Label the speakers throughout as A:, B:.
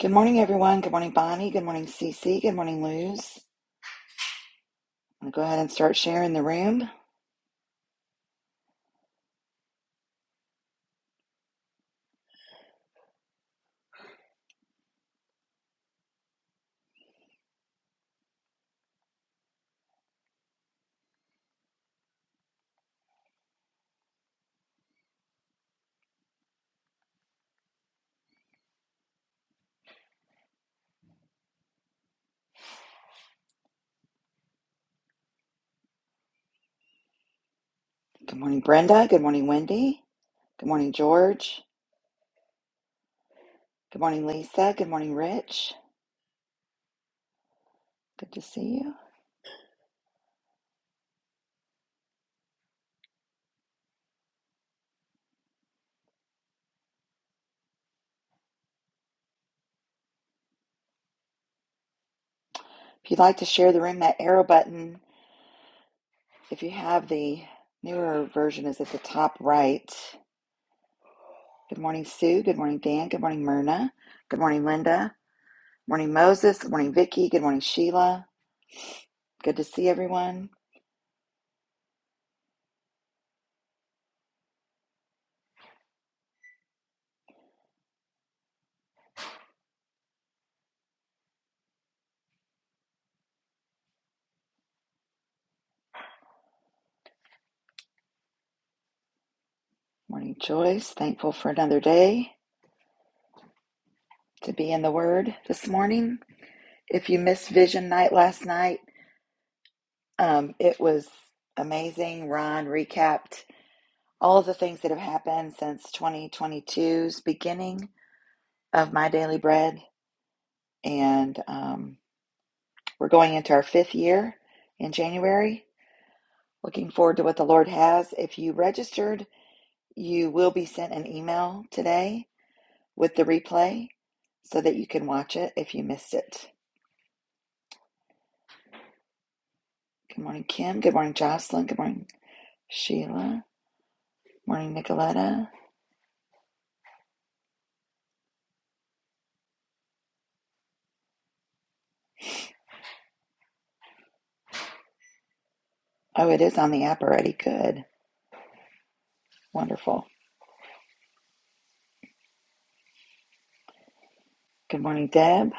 A: Good morning, everyone. Good morning, Bonnie. Good morning, Cece. Good morning, Luz. I'm going to go ahead and start sharing the room. Good morning, Brenda. Good morning, Wendy. Good morning, George. Good morning, Lisa. Good morning, Rich. Good to see you. If you'd like to share the room, that arrow button, if you have the newer version, is at the top right. Good morning, Sue. Good morning, Dan. Good morning, Myrna. Good morning, Linda. Morning, Moses. Good morning, Vicky. Good morning, Sheila. Good to see everyone. Morning, Joyce. Thankful for another day. to be in the Word this morning. If you missed Vision Night last night, um, it was amazing. Ron recapped all of the things that have happened since twenty twenty two's beginning of My Daily Bread. And um, we're going into our fifth year in January. Looking forward to what the Lord has. If you registered, you will be sent an email today with the replay so that you can watch it if you missed it. Good morning, Kim. Good morning, Jocelyn. Good morning, Sheila. Morning, Nicoletta. Oh, it is on the app already. Good. Wonderful. Good morning, Deb.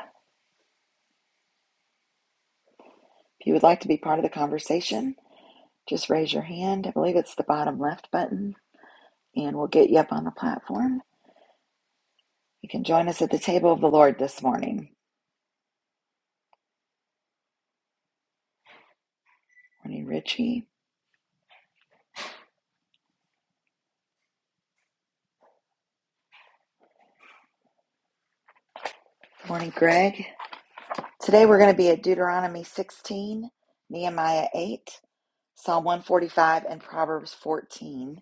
A: If you would like to be part of the conversation, just raise your hand. I believe it's the bottom left button, and we'll get you up on the platform. You can join us at the table of the Lord this morning. Morning, Richie. Morning, Greg. Today we're going to be at Deuteronomy 16, Nehemiah 8, Psalm 145, and Proverbs 14.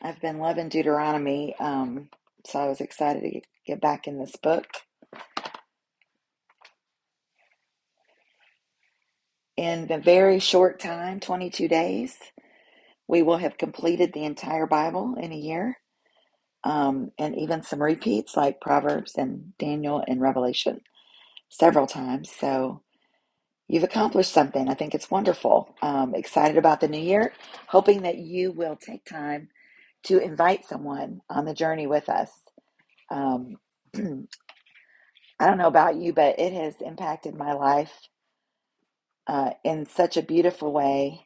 A: I've been loving Deuteronomy, um, so I was excited to get back in this book. In a very short time, 22 days, we will have completed the entire Bible in a year, um, and even some repeats like Proverbs and Daniel and Revelation several times. So you've accomplished something. I think it's wonderful. Um, excited about the new year, hoping that you will take time to invite someone on the journey with us. Um, I don't know about you, but it has impacted my life uh, in such a beautiful way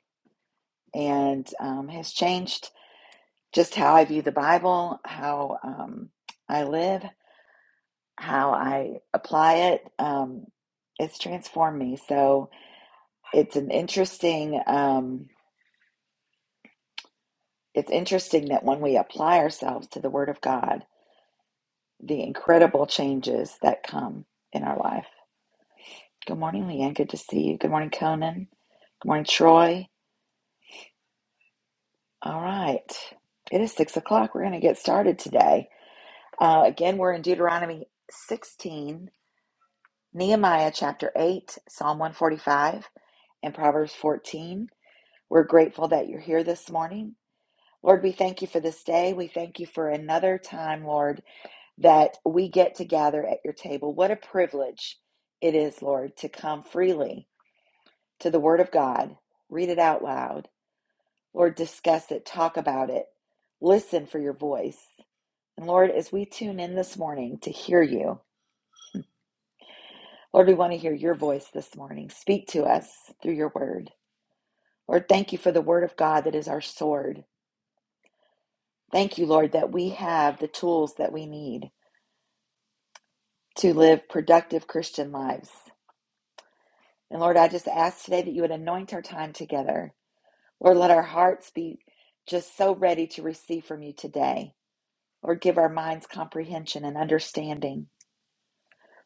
A: and um, has changed just how I view the Bible, how um, I live, how I apply it. Um, it's transformed me. So it's an interesting, um, it's interesting that when we apply ourselves to the Word of God, the incredible changes that come in our life. Good morning, Leanne. Good to see you. Good morning, Conan. Good morning, Troy. All right. It is six o'clock. We're going to get started today. Uh, again, we're in Deuteronomy 16, Nehemiah chapter 8, Psalm 145, and Proverbs 14. We're grateful that you're here this morning. Lord, we thank you for this day. We thank you for another time, Lord, that we get to gather at your table. What a privilege it is, Lord, to come freely to the Word of God, read it out loud, Lord, discuss it, talk about it, listen for your voice. And Lord, as we tune in this morning to hear you, Lord, we want to hear your voice this morning. Speak to us through your word. Lord, thank you for the word of God that is our sword. Thank you, Lord, that we have the tools that we need to live productive Christian lives. And Lord, I just ask today that you would anoint our time together. Lord, let our hearts be just so ready to receive from you today. Lord, give our minds comprehension and understanding.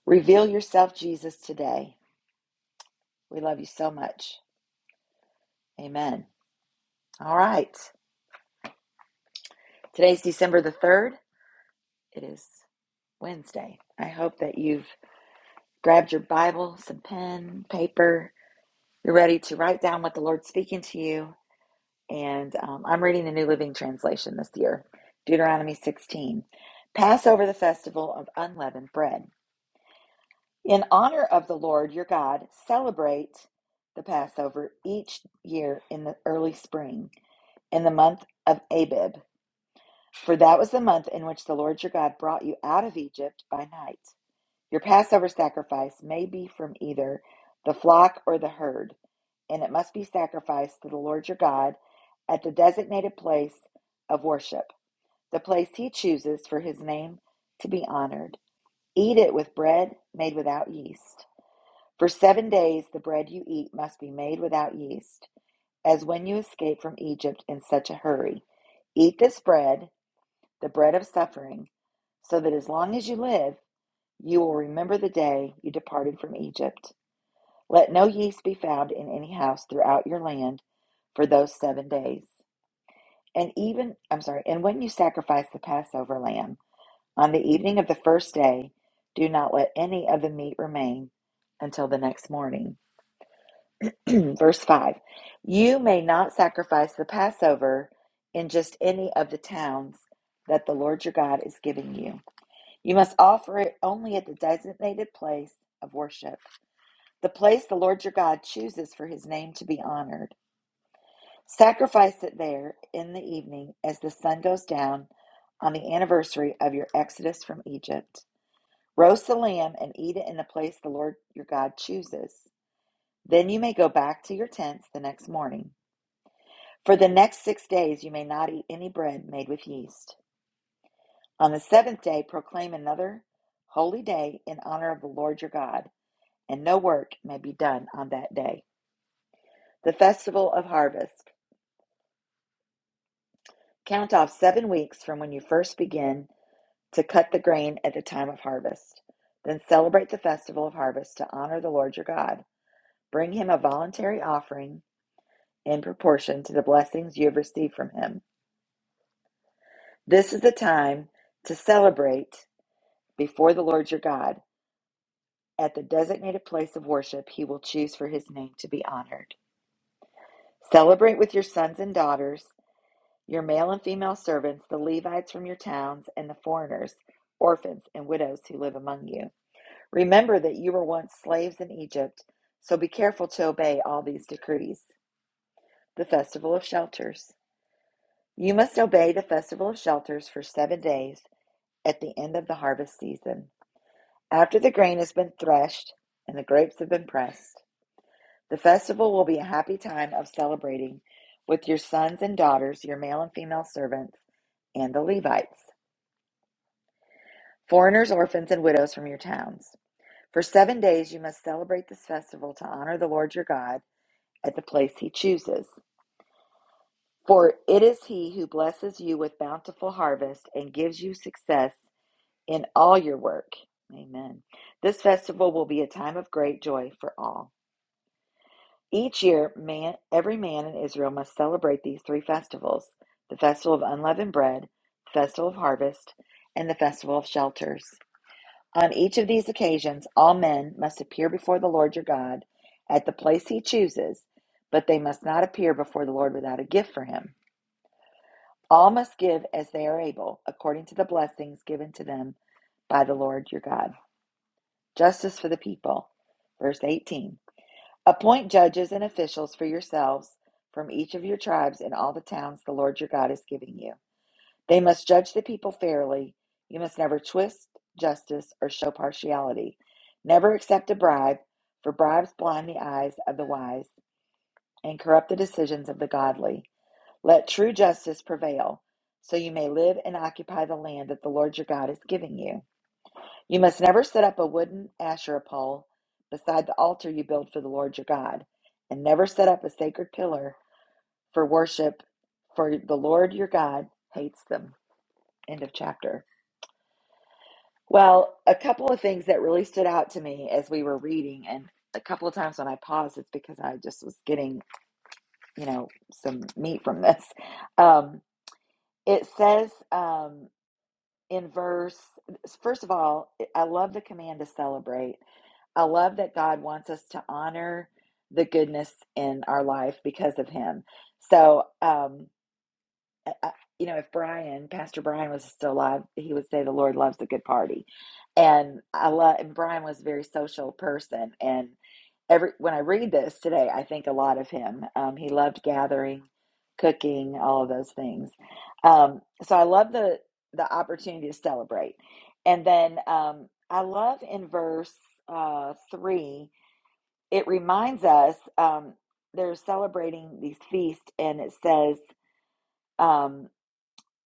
A: Reveal yourself, Jesus, today. We love you so much. Amen. All right. Today's December the 3rd. It is Wednesday. I hope that you've grabbed your Bible, some pen, paper. You're ready to write down what the Lord's speaking to you. And um, I'm reading the New Living Translation this year Deuteronomy 16. Pass over the festival of unleavened bread. In honor of the Lord your God, celebrate the Passover each year in the early spring, in the month of Abib For that was the month in which the Lord your God brought you out of Egypt by night. Your Passover sacrifice may be from either the flock or the herd, and it must be sacrificed to the Lord your God at the designated place of worship, the place he chooses for his name to be honored. Eat it with bread made without yeast. For seven days the bread you eat must be made without yeast, as when you escaped from Egypt in such a hurry. Eat this bread the bread of suffering, so that as long as you live, you will remember the day you departed from Egypt. Let no yeast be found in any house throughout your land for those seven days. And even, I'm sorry, and when you sacrifice the Passover lamb on the evening of the first day, do not let any of the meat remain until the next morning. Verse 5 You may not sacrifice the Passover in just any of the towns that the Lord your God is giving you. You must offer it only at the designated place of worship, the place the Lord your God chooses for his name to be honored. Sacrifice it there in the evening as the sun goes down on the anniversary of your exodus from Egypt. Roast the lamb and eat it in the place the Lord your God chooses. Then you may go back to your tents the next morning. For the next six days you may not eat any bread made with yeast. On the seventh day proclaim another holy day in honor of the Lord your God. and no work may be done on that day. The festival of harvest. Count off seven weeks from when you first begin to cut the grain at the time of harvest. Then celebrate the festival of harvest to honor the Lord your God. Bring him a voluntary offering in proportion to the blessings you have received from him. This is the time to celebrate before the Lord your God. At the designated place of worship, he will choose for his name to be honored. Celebrate with your sons and daughters Your male and female servants, the Levites from your towns, and the foreigners, orphans, and widows who live among you. Remember that you were once slaves in Egypt, so be careful to obey all these decrees. The Festival of Shelters. You must obey the Festival of Shelters for seven days at the end of the harvest season. After the grain has been threshed and the grapes have been pressed, the festival will be a happy time of celebrating with your sons and daughters, your male and female servants, and the Levites. foreigners, orphans, and widows from your towns. For seven days you must celebrate this festival to honor the Lord your God at the place he chooses. For it is he who blesses you with bountiful harvest and gives you success in all your work. Amen. This festival will be a time of great joy for all. Each year, man, every man in Israel must celebrate these three festivals the festival of unleavened bread, the festival of harvest, and the festival of shelters. On each of these occasions, all men must appear before the Lord your God at the place he chooses, but they must not appear before the Lord without a gift for him. All must give as they are able, according to the blessings given to them by the Lord your God. Justice for the people. Verse 18 Appoint judges and officials for yourselves from each of your tribes in all the towns the Lord your God is giving you. They must judge the people fairly. You must never twist justice or show partiality. Never accept a bribe, for bribes blind the eyes of the wise and corrupt the decisions of the godly. Let true justice prevail, so you may live and occupy the land that the Lord your God is giving you. You must never set up a wooden Asherah pole beside the altar you build for the Lord your God, and never set up a sacred pillar for worship, for the Lord your God hates them. End of chapter. Well, a couple of things that really stood out to me as we were reading, and a couple of times when I paused, it's because I just was getting, you know, some meat from this. Um, it says um, in verse, first of all, I love the command to celebrate. I love that God wants us to honor the goodness in our life because of Him. So, um, I- you know, if Brian, Pastor Brian was still alive, he would say the Lord loves a good party. And I love, and Brian was a very social person. And every, when I read this today, I think a lot of him. Um, he loved gathering, cooking, all of those things. Um, so I love the, the opportunity to celebrate. And then, um, I love in verse, uh, three, it reminds us, um, they're celebrating these feasts and it says, um,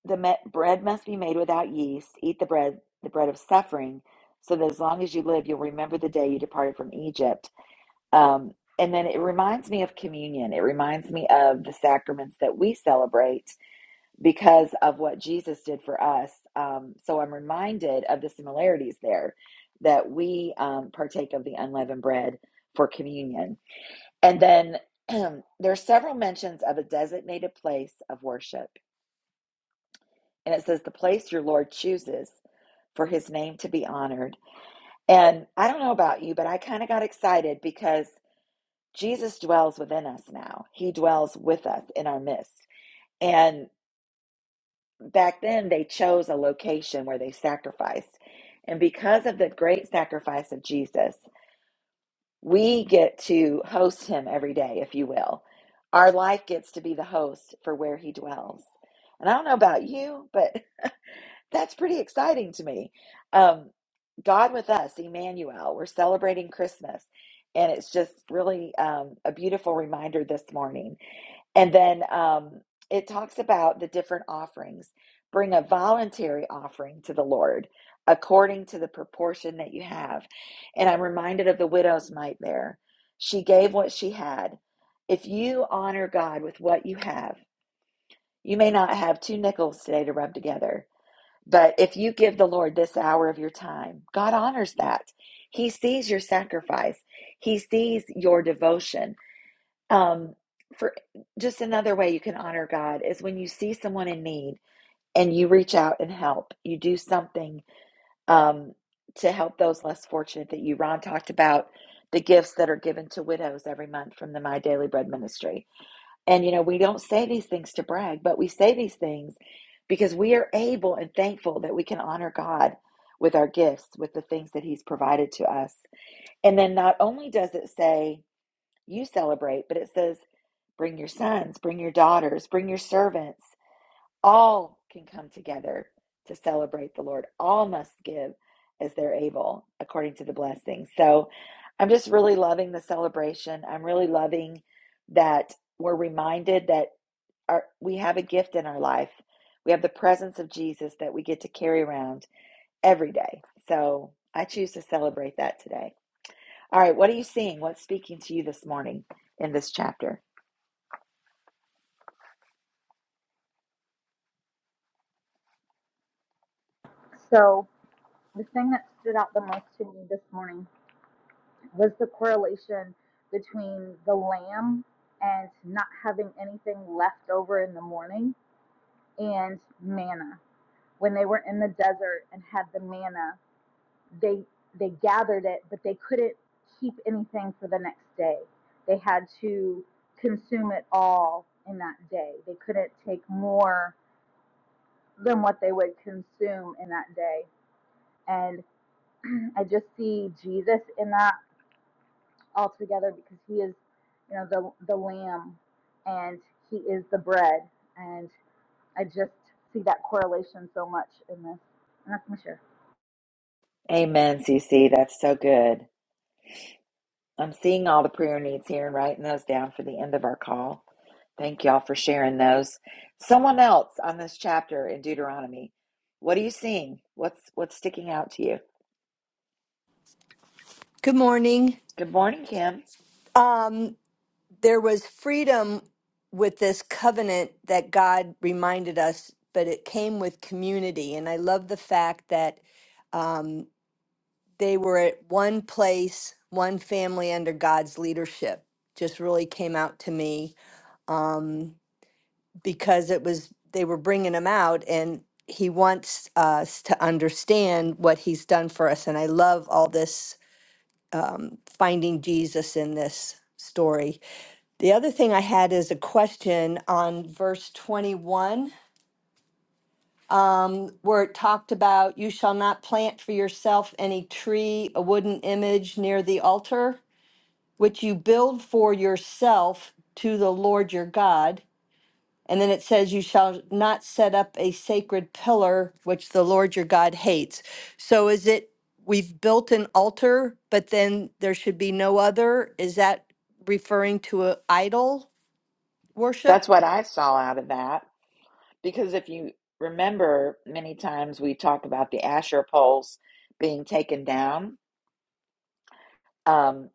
A: the me- bread must be made without yeast. Eat the bread, the bread of suffering, so that as long as you live, you'll remember the day you departed from Egypt. Um, and then it reminds me of communion. It reminds me of the sacraments that we celebrate because of what Jesus did for us. Um, so I'm reminded of the similarities there that we um, partake of the unleavened bread for communion. And then there are several mentions of a designated place of worship and it says the place your Lord chooses for his name to be honored. And I don't know about you, but I kind of got excited because Jesus dwells within us now. He dwells with us in our midst. And back then, they chose a location where they sacrificed. And because of the great sacrifice of Jesus, we get to host him every day, if you will. Our life gets to be the host for where he dwells. And I don't know about you, but That's pretty exciting to me. Um, God with us, Emmanuel, we're celebrating Christmas. And it's just really um, a beautiful reminder this morning. And then um, it talks about the different offerings. Bring a voluntary offering to the Lord according to the proportion that you have. And I'm reminded of the widow's mite there. She gave what she had. If you honor God with what you have, you may not have two nickels today to rub together but if you give the Lord this hour of your time, God honors that. He sees your sacrifice. He sees your devotion. Um, for just another way you can honor God is when you see someone in need and you reach out and help. You do something um, to help those less fortunate that you. Ron talked about the gifts that are given to widows every month from the My Daily Bread Ministry and, you know, we don't say these things to brag, but we say these things because we are able and thankful that we can honor God with our gifts, with the things that He's provided to us. And then not only does it say, you celebrate, but it says, bring your sons, bring your daughters, bring your servants. All can come together to celebrate the Lord. All must give as they're able, according to the blessing. So I'm just really loving the celebration. I'm really loving that we're reminded that our we have a gift in our life. We have the presence of Jesus that we get to carry around every day. So I choose to celebrate that today. All right, what are you seeing? What's speaking to you this morning in this chapter?
B: So the thing that stood out the most to me this morning was the correlation between the lamb and not having anything left over in the morning and manna. When they were in the desert and had the manna, they they gathered it, but they couldn't keep anything for the next day. They had to consume it all in that day. They couldn't take more than what they would consume in that day. and I just see Jesus in that altogether because he is, you know, the the lamb and he is the bread. And I just see that correlation so much in this. And that's my share.
A: Amen, CC. That's so good. I'm seeing all the prayer needs here and writing those down for the end of our call. Thank y'all for sharing those. Someone else on this chapter in Deuteronomy. What are you seeing? What's what's sticking out to you?
C: Good morning.
A: Good morning, Kim.
C: Um, there was freedom with this covenant that God reminded us, but it came with community. And I love the fact that um, they were at one place, one family under God's leadership. Just really came out to me um, because it was they were bringing him out, and he wants us to understand what he's done for us. And I love all this um, finding Jesus in this story. The other thing I had is a question on verse 21, um, where it talked about, You shall not plant for yourself any tree, a wooden image near the altar, which you build for yourself to the Lord your God. And then it says, You shall not set up a sacred pillar which the Lord your God hates. So is it, we've built an altar, but then there should be no other? Is that referring to a idol worship?
A: That's what I saw out of that. Because if you remember, many times we talk about the Asher poles being taken down. Um,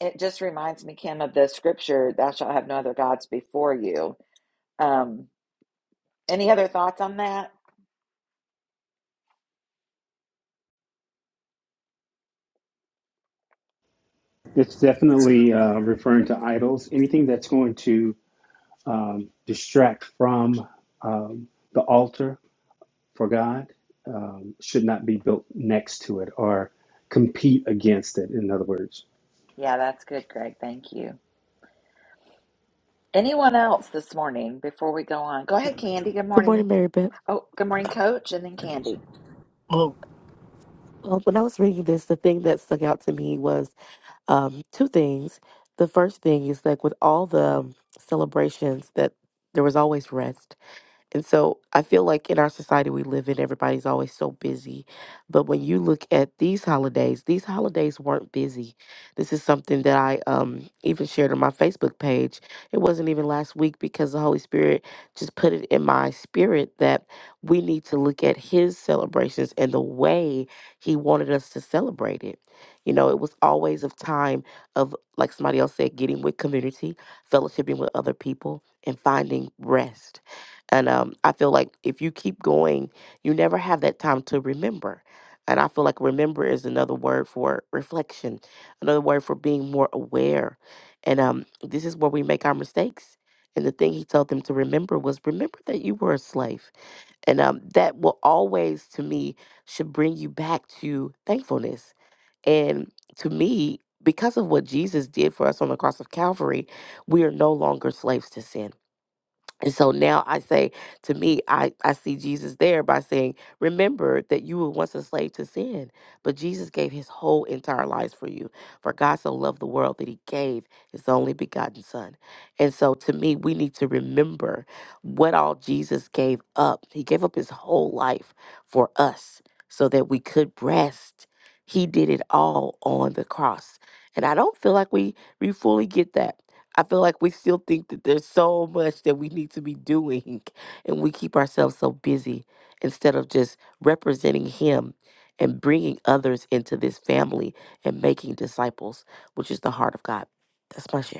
A: it just reminds me, Kim, of the scripture, Thou shalt have no other gods before you. Um, any other thoughts on that?
D: It's definitely uh, referring to idols, anything that's going to um, distract from um, the altar for God um, should not be built next to it or compete against it, in other words.
A: Yeah, that's good, Greg. Thank you. Anyone else this morning before we go on? Go ahead, Candy. Good
E: Good morning,
A: morning.
E: Mary Beth.
A: Oh, good morning, Coach, and then Candy.
F: Well,
E: Well, when I was reading this, the thing that stuck out to me was um, two things. The first thing is like with all the um, celebrations that there was always rest. And so I feel like in our society we live in, everybody's always so busy. But when you look at these holidays, these holidays weren't busy. This is something that I um, even shared on my Facebook page. It wasn't even last week because the Holy Spirit just put it in my spirit that we need to look at His celebrations and the way He wanted us to celebrate it. You know, it was always of time of, like somebody else said, getting with community, fellowshipping with other people, and finding rest and um, I feel like if you keep going, you never have that time to remember. And I feel like remember is another word for reflection, another word for being more aware. And um, this is where we make our mistakes. And the thing he told them to remember was remember that you were a slave. And um, that will always, to me, should bring you back to thankfulness. And to me, because of what Jesus did for us on the cross of Calvary, we are no longer slaves to sin and so now I say to me, I, I see Jesus there by saying, Remember that you were once a slave to sin, but Jesus gave his whole entire life for you. For God so loved the world that he gave his only begotten son. And so to me, we need to remember what all Jesus gave up. He gave up his whole life for us so that we could rest. He did it all on the cross. And I don't feel like we, we fully get that I feel like we still think that there's so much that we need to be doing, and we keep ourselves so busy instead of just representing Him and bringing others into this family and making disciples, which is the heart of God. That's my share.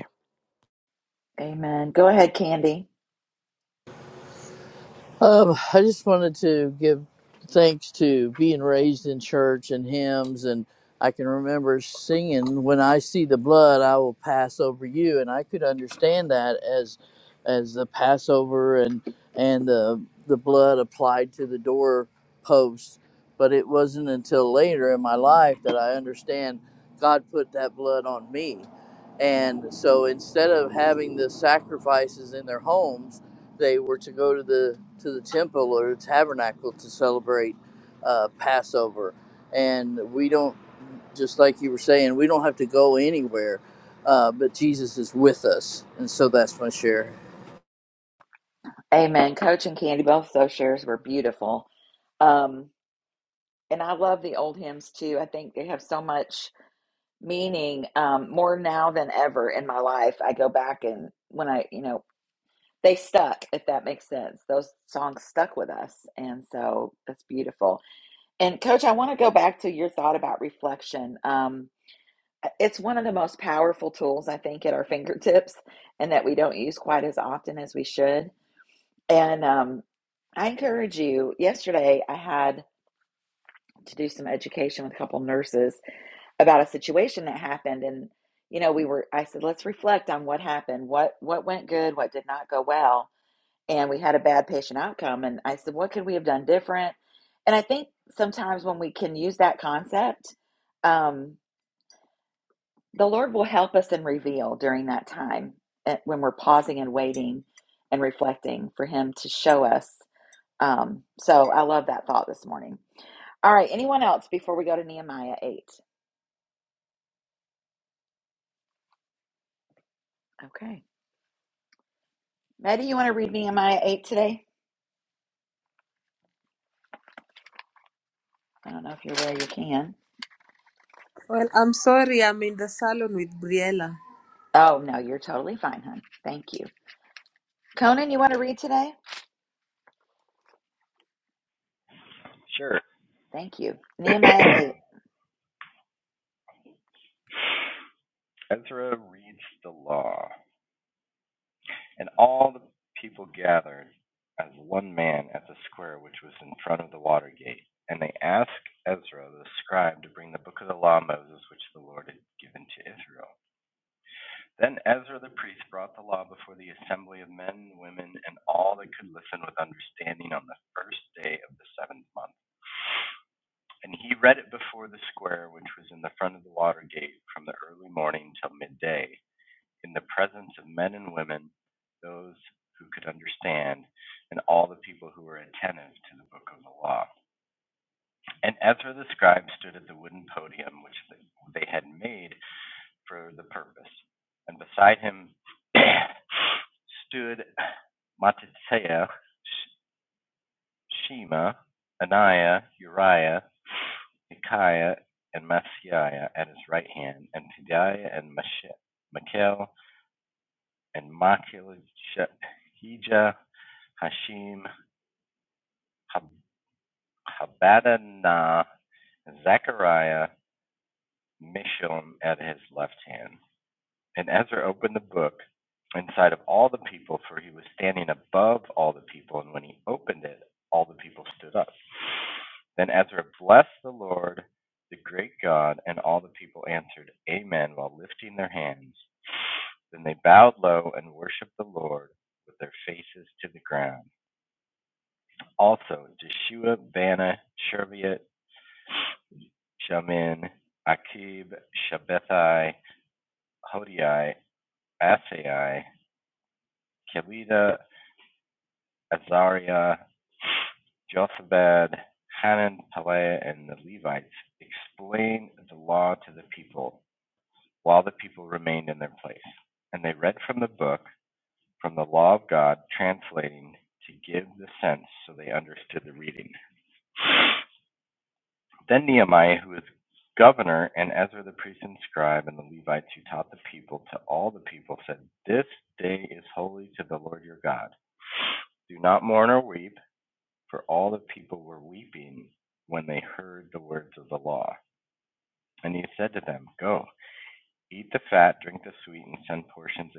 A: Amen. Go ahead, Candy.
F: um, I just wanted to give thanks to being raised in church and hymns, and I can remember singing, "When I see the blood, I will pass over you," and I could understand that as as the Passover and and the the blood applied to the door post. But it wasn't until later in my life that I understand God put that blood on me. And so instead of having the sacrifices in their homes, they were to go to the to the temple or the tabernacle to celebrate uh, Passover, and we don't just like you were saying we don't have to go anywhere, uh, but Jesus is with us, and so that's my share.
A: Amen. Coach and Candy, both those shares were beautiful. Um, and I love the old hymns too. I think they have so much meaning um, more now than ever in my life. I go back and when I, you know, they stuck, if that makes sense. Those songs stuck with us. And so that's beautiful. And coach, I want to go back to your thought about reflection. Um, it's one of the most powerful tools, I think, at our fingertips and that we don't use quite as often as we should. And um, I encourage you, yesterday I had to do some education with a couple nurses about a situation that happened and you know we were I said let's reflect on what happened what what went good what did not go well and we had a bad patient outcome and I said what could we have done different and I think sometimes when we can use that concept um the Lord will help us and reveal during that time eh, when we're pausing and waiting and reflecting for him to show us um so I love that thought this morning all right anyone else before we go to Nehemiah 8 okay Maddie, you want to read Nehemiah 8 today? I don't know if you're there, you can.
G: Well, I'm sorry, I'm in the salon with Briella.
A: Oh, no, you're totally fine, hon. Thank you. Conan, you want to read today?
H: Sure.
A: Thank you. Nehemiah 8.
H: Ezra reads the law, and all the people gathered as one man at the square which was in front of the water gate. And they asked Ezra the scribe to bring the book of the law of Moses, which the Lord had given to Israel. Then Ezra the priest brought the law before the assembly of men, and women, and all that could listen with understanding on the first day of the seventh month. And he read it before the square, which was in the front of the water gate, from the early morning till midday. in the presence of men and women, those who could understand, and all the people who were attentive to the book of the law. And Ezra the scribe stood at the wooden podium which they had made for the purpose, and beside him stood Mattithiah, Shema, Ananiah, Uriah, Micaiah, and Messiah at his right hand, and Pedaiah and Misha- and Malkijah, Hashim, Hab- Habadanah, Zechariah, Mishullam at his left hand. And Ezra opened the book in sight of all the people, for he was standing above all the people. And when he opened it, all the people stood up. Then Ezra blessed the Lord, the great God, and all the people answered, Amen, while lifting their hands. Then they bowed low and worshiped the Lord with their faces to the ground. Also, Jeshua, Bana, Sherebiot, Shamin, Akib, Shabbethai, Hodiai, Asai, Kelida, Azariah, Josabad, Hanan, Peleah, and the Levites explained the law to the people while the people remained in their place. And they read from the book, from the law of God, translating to give the sense so they understood the reading. Then Nehemiah, who was governor, and Ezra the priest and scribe, and the Levites who taught the people to all the people said, This day is holy to the Lord your God. Do not mourn or weep, for all the people were weeping when they heard the words of the law. And he said to them, Go, eat the fat, drink the sweet, and send portions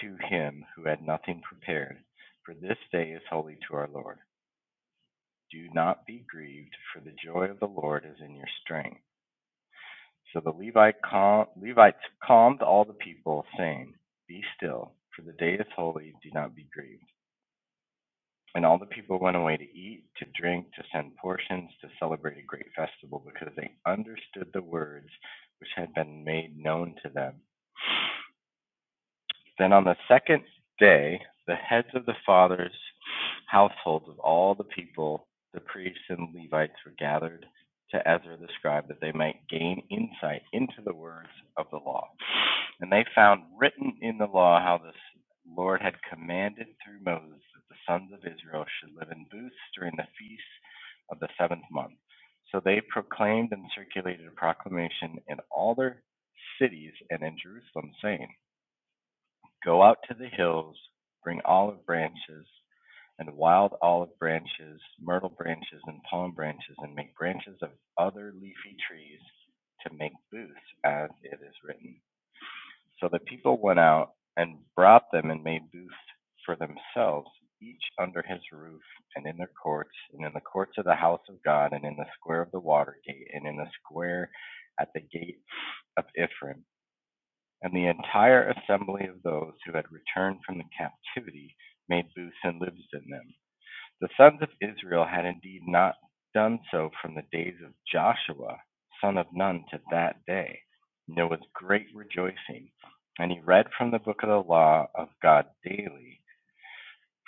H: to him who had nothing prepared, for this day is holy to our Lord. Do not be grieved, for the joy of the Lord is in your strength. So the Levite cal- Levites calmed all the people, saying, Be still, for the day is holy, do not be grieved. And all the people went away to eat, to drink, to send portions, to celebrate a great festival, because they understood the words which had been made known to them. Then on the second day, the heads of the fathers' households of all the people, the priests and Levites, were gathered to Ezra the scribe that they might gain insight into the words of the law. And they found written in the law how the Lord had commanded through Moses that the sons of Israel should live in booths during the feast of the seventh month. So they proclaimed and circulated a proclamation in all their cities and in Jerusalem, saying, Go out to the hills, bring olive branches and wild olive branches, myrtle branches, and palm branches, and make branches of other leafy trees to make booths, as it is written. So the people went out and brought them and made booths for themselves, each under his roof, and in their courts, and in the courts of the house of God, and in the square of the water gate, and in the square at the gate of Ephraim. And the entire assembly of those who had returned from the captivity made booths and lived in them. The sons of Israel had indeed not done so from the days of Joshua son of Nun to that day, and there was great rejoicing. And he read from the book of the law of God daily,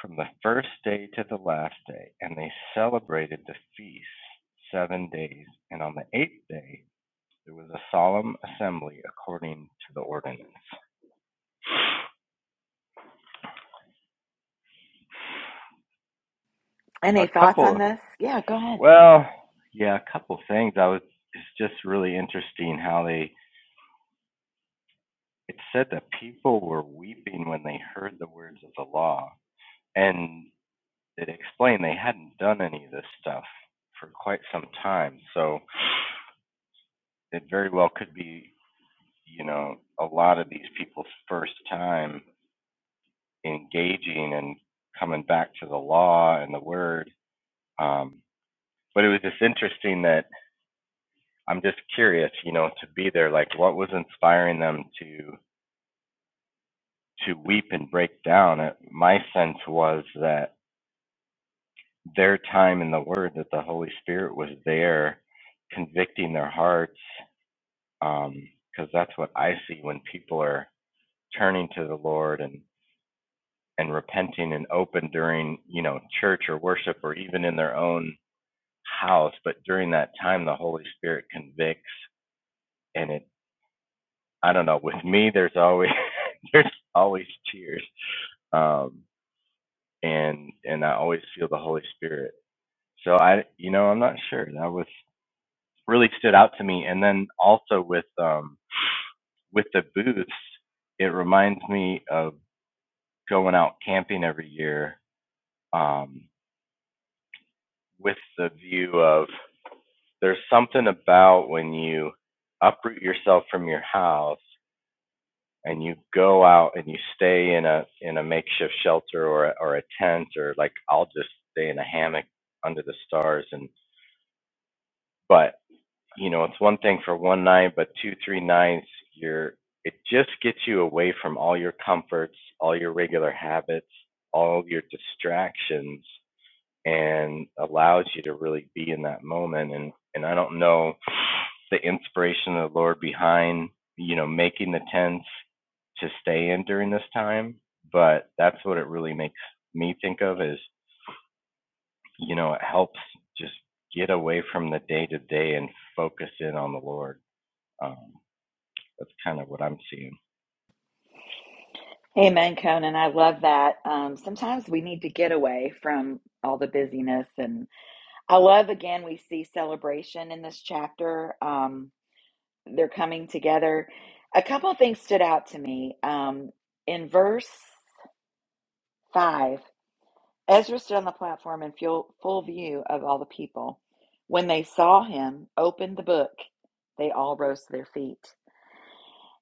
H: from the first day to the last day. And they celebrated the feast seven days. And on the eighth day, there was a solemn assembly according to the ordinance. A
A: Any thoughts on
H: couple,
A: this? Yeah, go ahead.
H: well, yeah, a couple things. I was, it's just really interesting how they it said that people were weeping when they heard the words of the law. And it explained they hadn't done any of this stuff for quite some time. So it very well could be, you know, a lot of these people's first time engaging and coming back to the law and the word. Um, but it was just interesting that I'm just curious, you know, to be there. Like, what was inspiring them to to weep and break down? It, my sense was that their time in the Word that the Holy Spirit was there convicting their hearts, because that's what I see when people are turning to the Lord and and repenting and open during you know church or worship or even in their own house, but during that time the Holy Spirit convicts, and it I don't know with me there's always there's always tears, um, and and I always feel the Holy Spirit. So I you know I'm not sure that was really stood out to me. And then also with um, with the booths, it reminds me of going out camping every year um, with the view of there's something about when you uproot yourself from your house and you go out and you stay in a in a makeshift shelter or or a tent or like I'll just stay in a hammock under the stars and but you know, it's one thing for one night, but two, three nights, you're it just gets you away from all your comforts, all your regular habits, all your distractions, and allows you to really be in that moment. And and I don't know the inspiration of the Lord behind, you know, making the tents to stay in during this time, but that's what it really makes me think of is, you know, it helps just get away from the day to day and focus in on the Lord. Um, that's kind of what I'm seeing.
A: Amen, Conan. I love that. Um, sometimes we need to get away from all the busyness. And I love, again, we see celebration in this chapter. Um, they're coming together. A couple of things stood out to me. Um, in verse 5, Ezra stood on the platform in full, full view of all the people. When they saw him open the book, they all rose to their feet.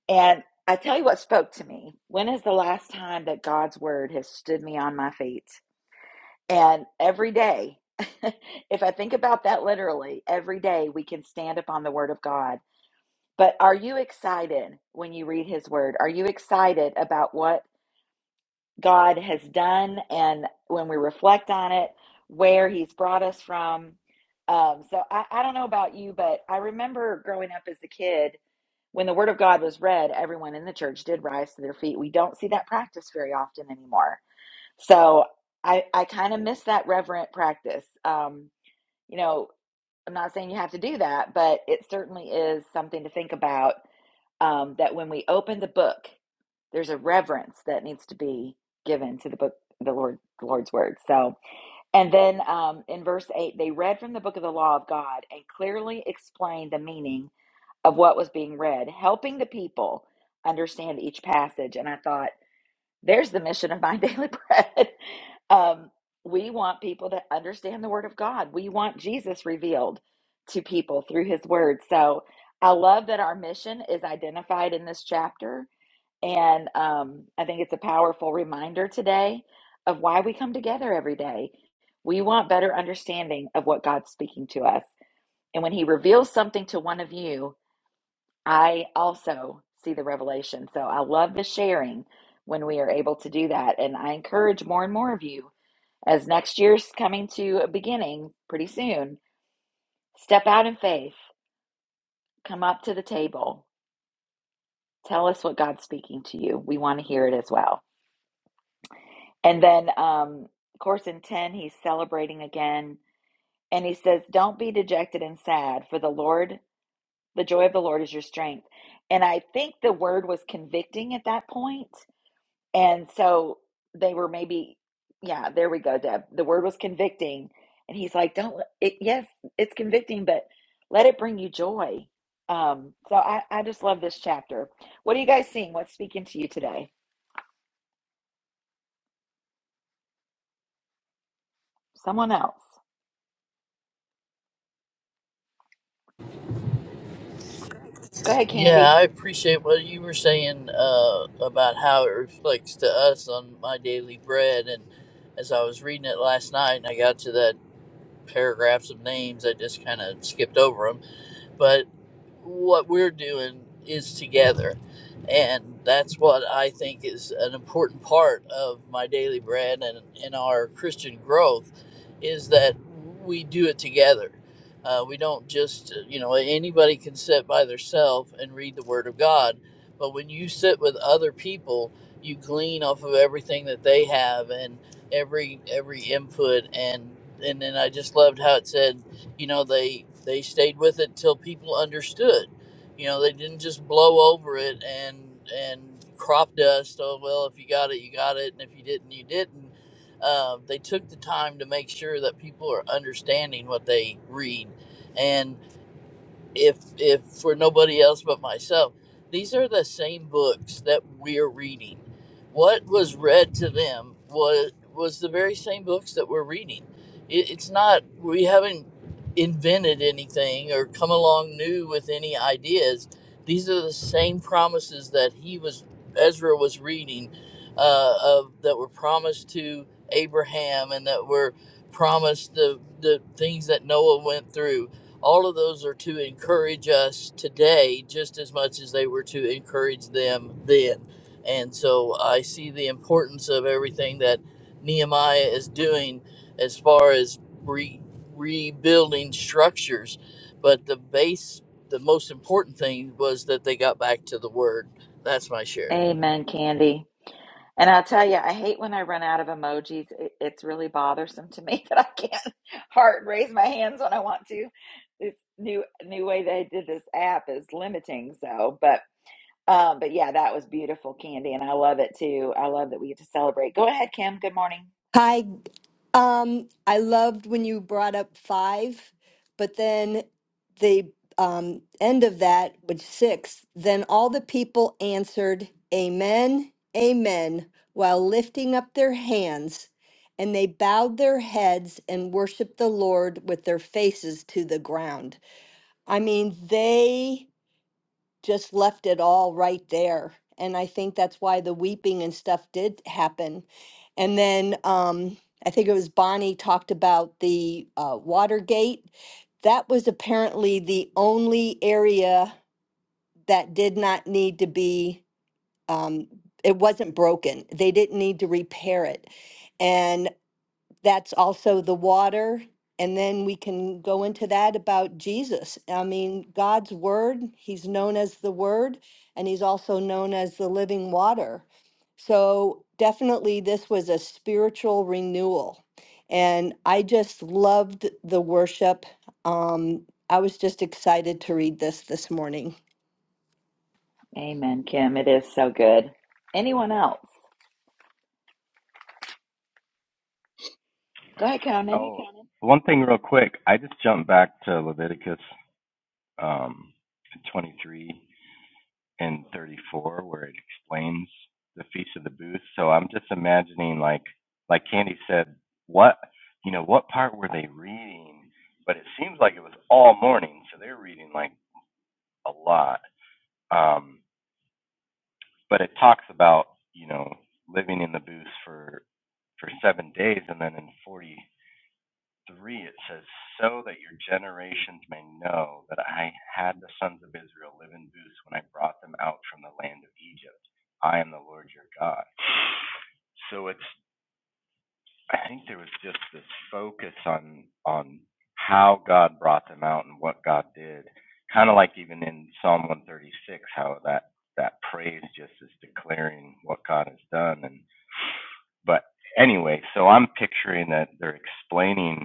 A: And I tell you what spoke to me. When is the last time that God's word has stood me on my feet? And every day, if I think about that literally, every day we can stand upon the word of God. But are you excited when you read his word? Are you excited about what? God has done, and when we reflect on it, where He's brought us from. Um, so I, I don't know about you, but I remember growing up as a kid when the Word of God was read, everyone in the church did rise to their feet. We don't see that practice very often anymore. So I, I kind of miss that reverent practice. Um, you know, I'm not saying you have to do that, but it certainly is something to think about um, that when we open the book there's a reverence that needs to be given to the book the lord the lord's word so and then um, in verse 8 they read from the book of the law of god and clearly explained the meaning of what was being read helping the people understand each passage and i thought there's the mission of my daily bread um, we want people to understand the word of god we want jesus revealed to people through his word so i love that our mission is identified in this chapter and um, I think it's a powerful reminder today of why we come together every day. We want better understanding of what God's speaking to us. And when He reveals something to one of you, I also see the revelation. So I love the sharing when we are able to do that. And I encourage more and more of you as next year's coming to a beginning pretty soon, step out in faith, come up to the table, tell us what God's speaking to you. We want to hear it as well. And then, um, of course, in 10, he's celebrating again. And he says, Don't be dejected and sad, for the Lord, the joy of the Lord is your strength. And I think the word was convicting at that point. And so they were maybe, yeah, there we go, Deb. The word was convicting. And he's like, Don't, it, yes, it's convicting, but let it bring you joy. Um, so I, I just love this chapter. What are you guys seeing? What's speaking to you today? Someone else. Go ahead,
F: Yeah, I
A: Candy.
F: appreciate what you were saying uh, about how it reflects to us on my daily bread, and as I was reading it last night, and I got to that paragraphs of names, I just kind of skipped over 'em but what we're doing is together. And that's what I think is an important part of my daily bread and, in our Christian growth is that we do it together. Uh, we don't just, you know, anybody can sit by themselves and read the Word of God. But when you sit with other people, you glean off of everything that they have and every every input and and then I just loved how it said you know they they stayed with it till people understood you know they didn't just blow over it and and crop dust oh well if you got it you got it and if you didn't you didn't uh, they took the time to make sure that people are understanding what they read and if if for nobody else but myself these are the same books that we're reading what was read to them was was the very same books that we're reading it, it's not we haven't invented anything or come along new with any ideas these are the same promises that he was ezra was reading uh, of that were promised to abraham and that were promised the the things that noah went through all of those are to encourage us today just as much as they were to encourage them then. And so I see the importance of everything that Nehemiah is doing as far as re- rebuilding structures. But the base, the most important thing was that they got back to the word. That's my share.
A: Amen, Candy. And I'll tell you, I hate when I run out of emojis. It, it's really bothersome to me that I can't heart raise my hands when I want to. This new new way they did this app is limiting. So, but um, but yeah, that was beautiful, Candy, and I love it too. I love that we get to celebrate. Go ahead, Kim. Good morning.
C: Hi, Um, I loved when you brought up five, but then the um, end of that was six. Then all the people answered, Amen, Amen, while lifting up their hands. And they bowed their heads and worshiped the Lord with their faces to the ground. I mean, they just left it all right there. And I think that's why the weeping and stuff did happen. And then um, I think it was Bonnie talked about the uh, Watergate. That was apparently the only area that did not need to be, um, it wasn't broken. They didn't need to repair it. and that's also the water. And then we can go into that about Jesus. I mean, God's Word, He's known as the Word, and He's also known as the living water. So definitely, this was a spiritual renewal. And I just loved the worship. Um, I was just excited to read this this morning.
A: Amen, Kim. It is so good. Anyone else? Go ahead, Conan.
H: Oh, one thing real quick. I just jumped back to Leviticus um, 23 and 34 where it explains the Feast of the Booth. So I'm just imagining like like Candy said, what you know, what part were they reading? But it seems like it was all morning, so they're reading like a lot. Um, but it talks about you know living in the booth for for seven days, and then in 40 3, it says, So that your generations may know that I had the sons of Israel live in booths when I brought them out from the land of Egypt. I am the Lord your God. So it's, I think there was just this focus on, on how God brought them out and what God did. Kind of like even in Psalm 136, how that, that praise just is declaring what God has done. And, but anyway, so I'm picturing that they're explaining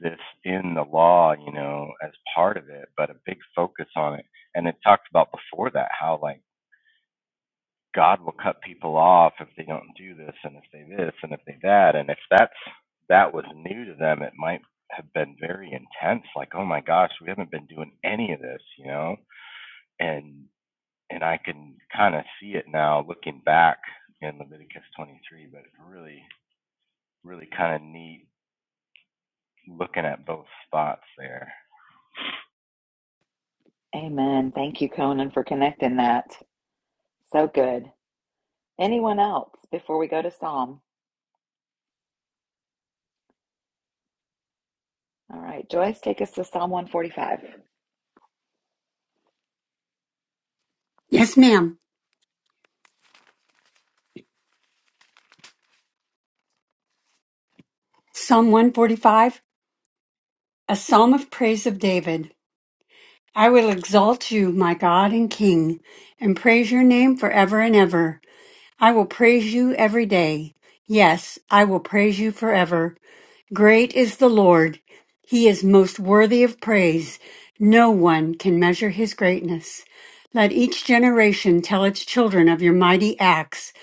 H: this in the law, you know, as part of it, but a big focus on it. And it talked about before that how like God will cut people off if they don't do this and if they this and if they that. And if that's that was new to them, it might have been very intense, like, oh my gosh, we haven't been doing any of this, you know? And and I can kind of see it now looking back in Leviticus twenty three, but it's really really kind of neat looking at both spots there.
A: Amen. Thank you, Conan, for connecting that. So good. Anyone else before we go to Psalm? All right, Joyce, take us to Psalm 145.
I: Yes, ma'am. Psalm 145, a psalm of praise of David. I will exalt you, my God and King, and praise your name forever and ever. I will praise you every day. Yes, I will praise you forever. Great is the Lord. He is most worthy of praise. No one can measure his greatness. Let each generation tell its children of your mighty acts.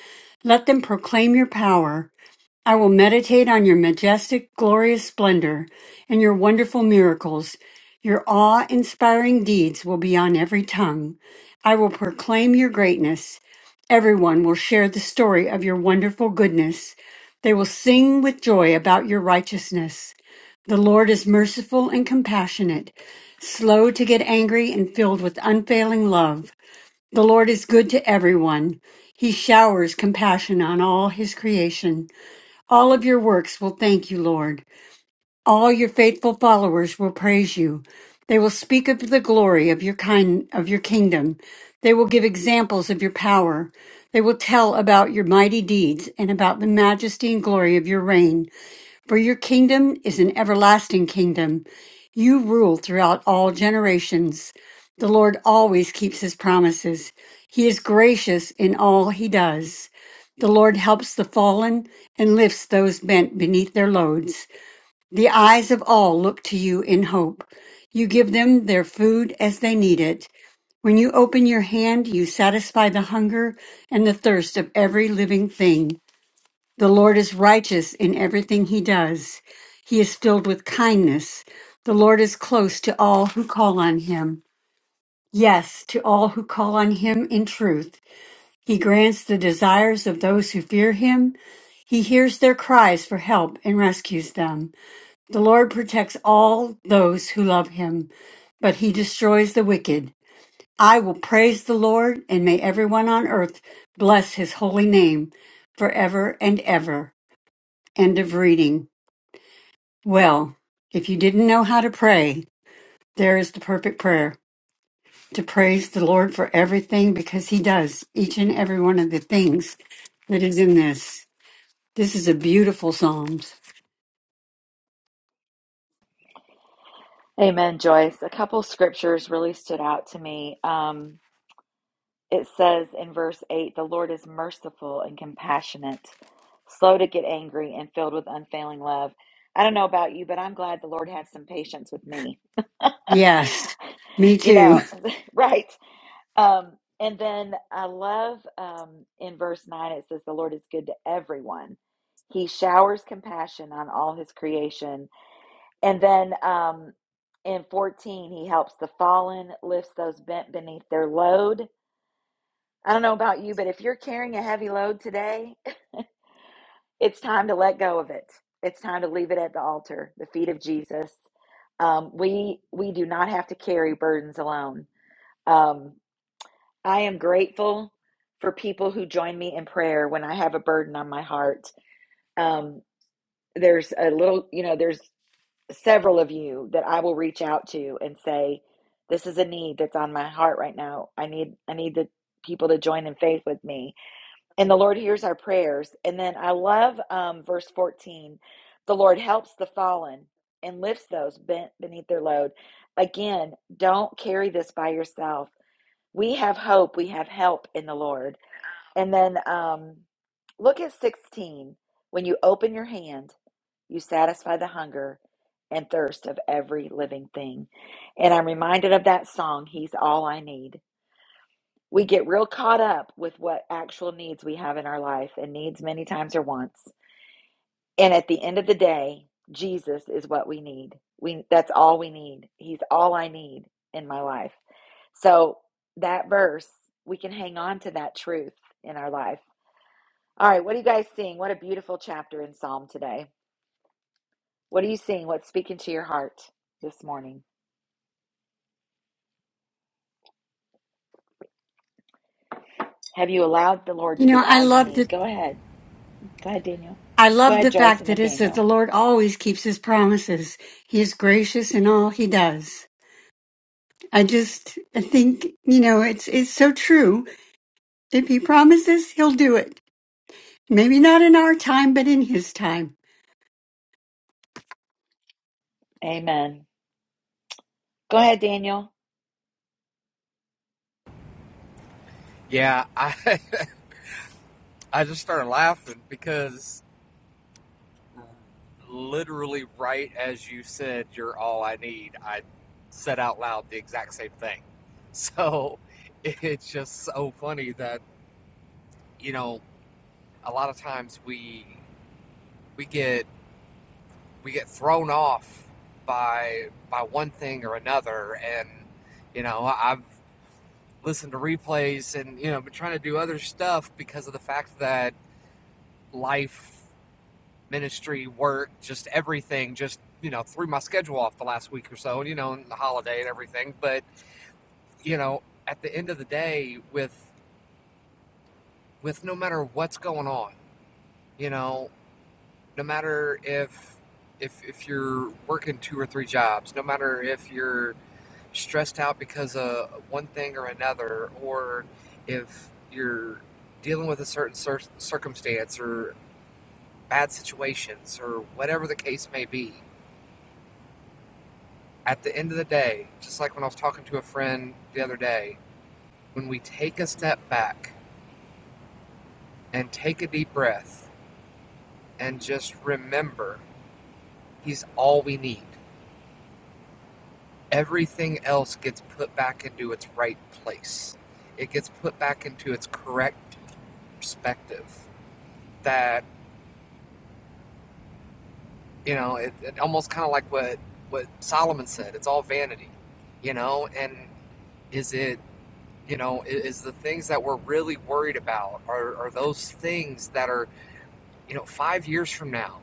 I: Let them proclaim your power. I will meditate on your majestic, glorious splendor and your wonderful miracles. Your awe inspiring deeds will be on every tongue. I will proclaim your greatness. Everyone will share the story of your wonderful goodness. They will sing with joy about your righteousness. The Lord is merciful and compassionate, slow to get angry and filled with unfailing love. The Lord is good to everyone. He showers compassion on all his creation. All of your works will thank you, Lord. All your faithful followers will praise you. They will speak of the glory of your kind of your kingdom. They will give examples of your power. They will tell about your mighty deeds and about the majesty and glory of your reign. For your kingdom is an everlasting kingdom you rule throughout all generations. The Lord always keeps his promises. He is gracious in all he does. The Lord helps the fallen and lifts those bent beneath their loads. The eyes of all look to you in hope. You give them their food as they need it. When you open your hand, you satisfy the hunger and the thirst of every living thing. The Lord is righteous in everything he does. He is filled with kindness. The Lord is close to all who call on him. Yes, to all who call on him in truth. He grants the desires of those who fear him. He hears their cries for help and rescues them. The Lord protects all those who love him, but he destroys the wicked. I will praise the Lord, and may everyone on earth bless his holy name forever and ever. End of reading. Well, if you didn't know how to pray, there is the perfect prayer to praise the Lord for everything because He does each and every one of the things that is in this. This is a beautiful Psalms.
A: Amen, Joyce. A couple scriptures really stood out to me. Um, it says in verse 8, the Lord is merciful and compassionate, slow to get angry, and filled with unfailing love. I don't know about you, but I'm glad the Lord had some patience with me.
I: Yes, me
A: you know,
I: too.
A: right. Um, and then I love um, in verse 9, it says, the Lord is good to everyone. He showers compassion on all his creation and then um, in 14, he helps the fallen, lifts those bent beneath their load. I don't know about you, but if you're carrying a heavy load today, it's time to let go of it. It's time to leave it at the altar, the feet of Jesus. Um, we we do not have to carry burdens alone. Um, I am grateful for people who join me in prayer when I have a burden on my heart. Um, there's a little, you know, there's several of you that I will reach out to and say, this is a need that's on my heart right now. I need I need the people to join in faith with me. And the Lord hears our prayers. And then I love um, verse 14. The Lord helps the fallen and lifts those bent beneath their load. Again, don't carry this by yourself. We have hope, we have help in the Lord. And then um, look at 16. When you open your hand, you satisfy the hunger and thirst of every living thing. And I'm reminded of that song, He's All I Need. We get real caught up with what actual needs we have in our life, and needs many times are wants. And at the end of the day, Jesus is what we need. We that's all we need. He's all I need in my life. So that verse, we can hang on to that truth in our life. All right, what are you guys seeing? What a beautiful chapter in Psalm today. What are you seeing? What's speaking to your heart this morning? Have you allowed the Lord
I: You
A: to be
I: know, I
A: all you
I: love
A: need?
I: the
A: Go ahead. Go ahead, Daniel.
I: I
A: Go
I: love
A: ahead,
I: the
A: Joyce,
I: fact
A: and
I: that
A: then
I: it says
A: Daniel.
I: the Lord always keeps His promises. He is gracious in all He does. I just I think you know it's it's so true. If He promises, He'll do it. Maybe not in our time, but in His time.
A: Amen. Go ahead, Daniel.
J: Yeah, I I just started laughing because literally right as you said you're all I need, I said out loud the exact same thing. So it's just so funny that, you know, a lot of times we we get we get thrown off by by one thing or another and you know, I've listened to replays and you know, been trying to do other stuff because of the fact that life ministry, work, just everything, just, you know, threw my schedule off the last week or so, you know, and the holiday and everything. But, you know, at the end of the day, with, with no matter what's going on, you know, no matter if, if, if you're working two or three jobs, no matter if you're stressed out because of one thing or another, or if you're dealing with a certain cir- circumstance or bad situations or whatever the case may be, at the end of the day, just like when I was talking to a friend the other day, when we take a step back and take a deep breath and just remember He's all we need, everything else gets put back into its right place. It gets put back into its correct perspective. That, you know, it, it almost kind of like what, what Solomon said it's all vanity, you know? And is it, you know, is the things that we're really worried about are, are those things that are you know, five years from now,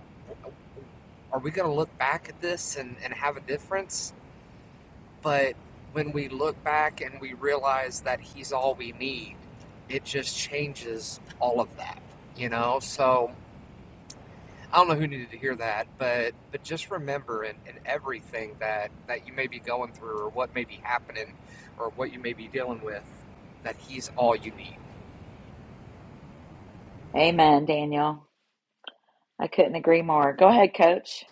J: are we going to look back at this and, and have a difference? But when we look back and we realize that he's all we need, it just changes all of that, you know? So I don't know who needed to hear that, but but just remember in, in everything that, that you may be going through or what may be happening or what you may be dealing with, that he's all you need.
A: Amen, Daniel. I couldn't agree more. Go ahead, coach.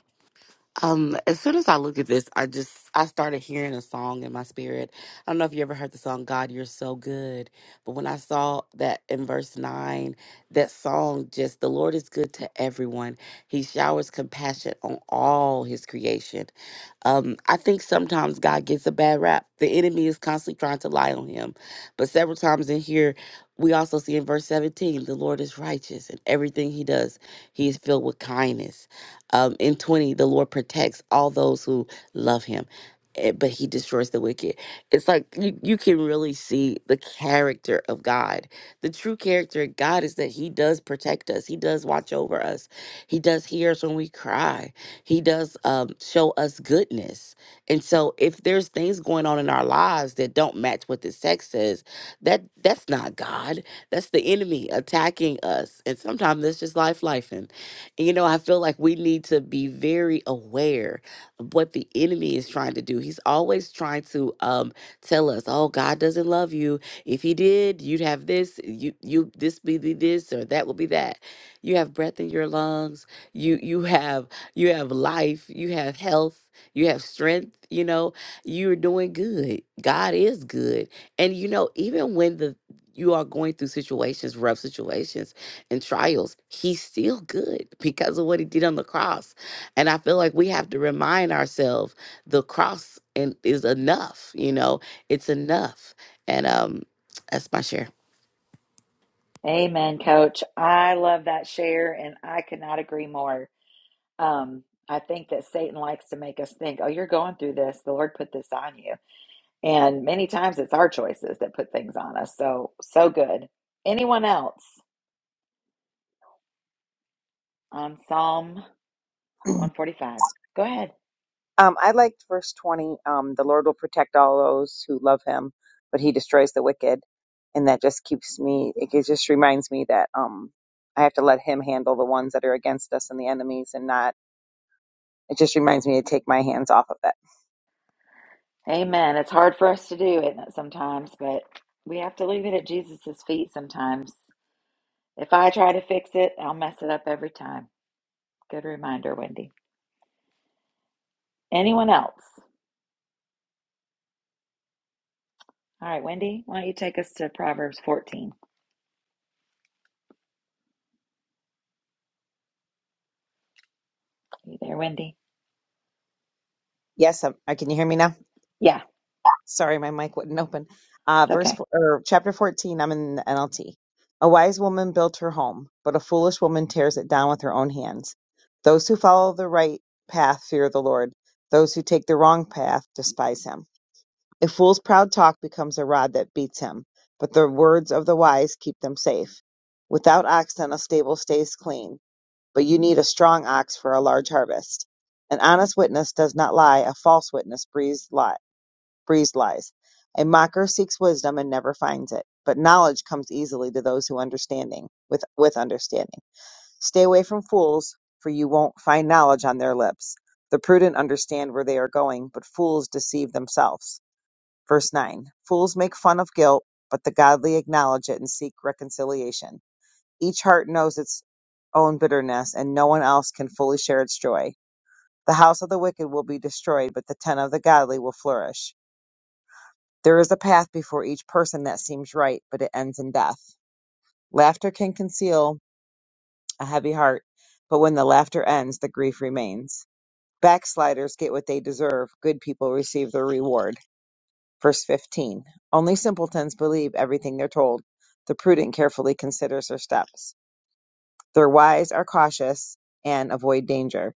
E: Um, as soon as I look at this, I just I started hearing a song in my spirit. I don't know if you ever heard the song "God, You're So Good," but when I saw that in verse nine, that song just the Lord is good to everyone. He showers compassion on all His creation. Um, I think sometimes God gets a bad rap. The enemy is constantly trying to lie on Him, but several times in here, we also see in verse seventeen, the Lord is righteous, and everything He does, He is filled with kindness um, in 20, the Lord protects all those who love him, eh, but he destroys the wicked. It's like you, you can really see the character of God. The true character of God is that he does protect us, he does watch over us, he does hear us when we cry, he does um, show us goodness. And so if there's things going on in our lives that don't match what this text says, that that's not God. That's the enemy attacking us. And sometimes that's just life life. And, You know, I feel like we need to be very aware of what the enemy is trying to do. He's always trying to um tell us, "Oh, God doesn't love you. If he did, you'd have this, you you this be the this or that will be that. You have breath in your lungs. You you have you have life, you have health, you have strength, you know. You're doing good. God is good. And you know, even when the you are going through situations, rough situations and trials, he's still good because of what he did on the cross. And I feel like we have to remind ourselves the cross and is enough, you know, it's enough. And um that's my share.
A: Amen, coach. I love that share, and I could not agree more. Um, I think that Satan likes to make us think, oh, you're going through this. The Lord put this on you. And many times it's our choices that put things on us. So, so good. Anyone else on Psalm? 145. Go ahead.
K: Um, I liked verse 20. Um, the Lord will protect all those who love him, but he destroys the wicked. And that just keeps me, it gi- just reminds me that um, I have to let him handle the ones that are against us and the enemies and not, it just reminds me to take my hands off of it.
A: Amen. It's hard for us to do it sometimes, but we have to leave it at Jesus' feet sometimes. If I try to fix it, I'll mess it up every time. Good reminder, Wendy. Anyone else? All right, Wendy, why don't you take us to Proverbs 14? you there, Wendy?
K: Yes, um, uh, can you hear me now?
A: Yeah,
K: Sorry, my mic wouldn't open. Uh,
A: it's
K: verse
A: okay.
K: four- or chapter 14, I'm in the NLT. A wise woman built her home, but a foolish woman tears it down with her own hands. Those who follow the right path fear the Lord. Those who take the wrong path despise him. A fool's proud talk becomes a rod that beats him, but the words of the wise keep them safe. Without oxen, a stable stays clean, but you need a strong ox for a large harvest. An honest witness does not lie, a false witness breathes lies. Breeze lies. A mocker seeks wisdom and never finds it, but knowledge comes easily to those who understanding with with understanding. Stay away from fools, for you won't find knowledge on their lips. The prudent understand where they are going, but fools deceive themselves. Verse 9. Fools make fun of guilt, but the godly acknowledge it and seek reconciliation. Each heart knows its own bitterness, and no one else can fully share its joy. The house of the wicked will be destroyed, but the tent of the godly will flourish. There is a path before each person that seems right, but it ends in death. Laughter can conceal a heavy heart, but when the laughter ends, the grief remains. Backsliders get what they deserve. Good people receive their reward. Verse 15. Only simpletons believe everything they're told. The prudent carefully considers their steps. Their wise are cautious and avoid danger.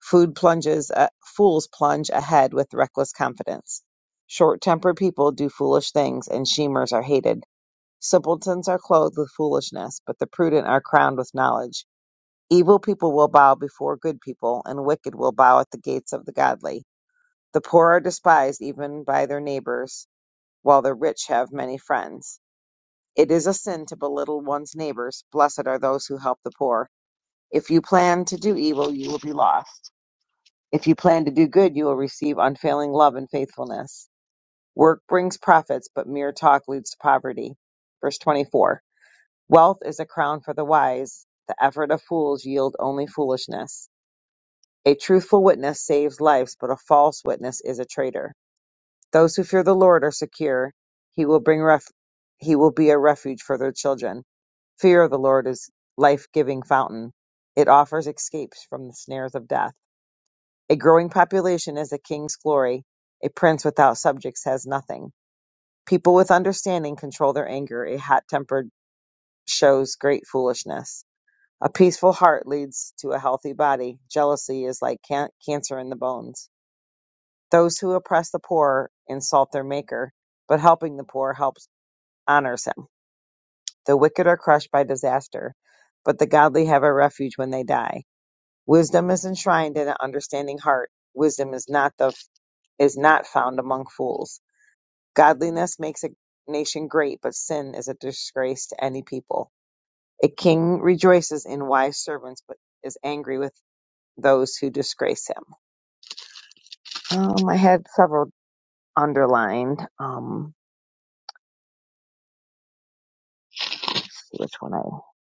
K: Food plunges, uh, fools plunge ahead with reckless confidence. Short-tempered people do foolish things, and schemers are hated. Simpletons are clothed with foolishness, but the prudent are crowned with knowledge. Evil people will bow before good people, and wicked will bow at the gates of the godly. The poor are despised even by their neighbors, while the rich have many friends. It is a sin to belittle one's neighbors. Blessed are those who help the poor. If you plan to do evil, you will be lost. If you plan to do good, you will receive unfailing love and faithfulness. Work brings profits, but mere talk leads to poverty. Verse 24. Wealth is a crown for the wise. The effort of fools yield only foolishness. A truthful witness saves lives, but a false witness is a traitor. Those who fear the Lord are secure. He will bring ref- he will be a refuge for their children. Fear of the Lord is life-giving fountain. It offers escapes from the snares of death. A growing population is a king's glory. A prince without subjects has nothing. People with understanding control their anger. A hot-tempered shows great foolishness. A peaceful heart leads to a healthy body. Jealousy is like can- cancer in the bones. Those who oppress the poor insult their maker, but helping the poor helps honors him. The wicked are crushed by disaster, but the godly have a refuge when they die. Wisdom is enshrined in an understanding heart. Wisdom is not the is not found among fools. Godliness makes a nation great, but sin is a disgrace to any people. A king rejoices in wise servants, but is angry with those who disgrace him. Um, I had several underlined. Um, let's see which one I.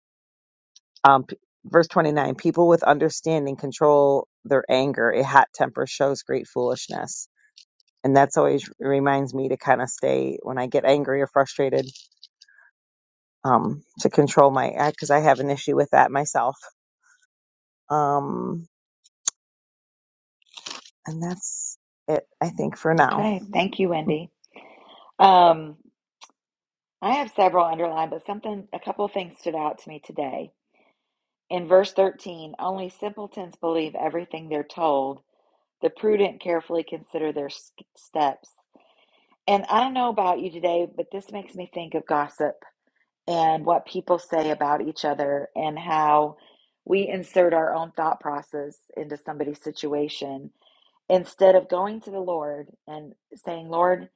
K: Um, p- verse 29 People with understanding control their anger. A hot temper shows great foolishness. And that's always reminds me to kind of stay when I get angry or frustrated um, to control my act because I have an issue with that myself. Um, and that's it, I think, for now.
A: Okay. Thank you, Wendy. Um, I have several underlined, but something, a couple of things stood out to me today. In verse 13, only simpletons believe everything they're told The prudent carefully consider their steps. And I don't know about you today, but this makes me think of gossip and what people say about each other and how we insert our own thought process into somebody's situation instead of going to the Lord and saying, Lord,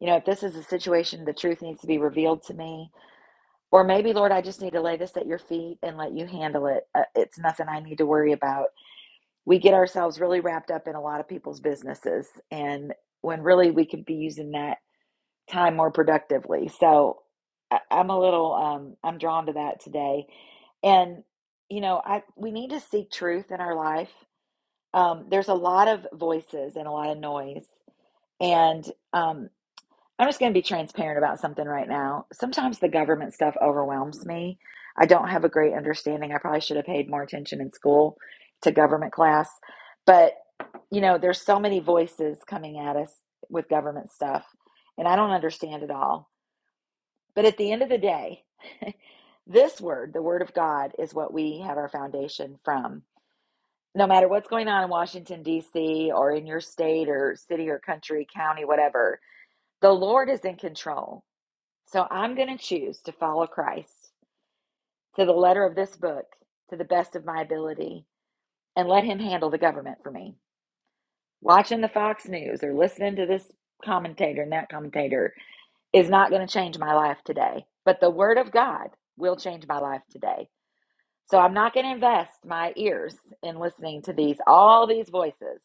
A: you know, if this is a situation, the truth needs to be revealed to me. Or maybe, Lord, I just need to lay this at your feet and let you handle it. Uh, It's nothing I need to worry about we get ourselves really wrapped up in a lot of people's businesses and when really we could be using that time more productively so I, i'm a little um, i'm drawn to that today and you know i we need to seek truth in our life um, there's a lot of voices and a lot of noise and um, I'm just going to be transparent about something right now. Sometimes the government stuff overwhelms me. I don't have a great understanding. I probably should have paid more attention in school to government class. But, you know, there's so many voices coming at us with government stuff, and I don't understand it all. But at the end of the day, this word, the word of God, is what we have our foundation from. No matter what's going on in Washington, D.C., or in your state or city or country, county, whatever, the Lord is in control. So I'm going to choose to follow Christ to the letter of this book to the best of my ability and let him handle the government for me. Watching the Fox News or listening to this commentator and that commentator is not going to change my life today, but the word of God will change my life today. So I'm not going to invest my ears in listening to these all these voices.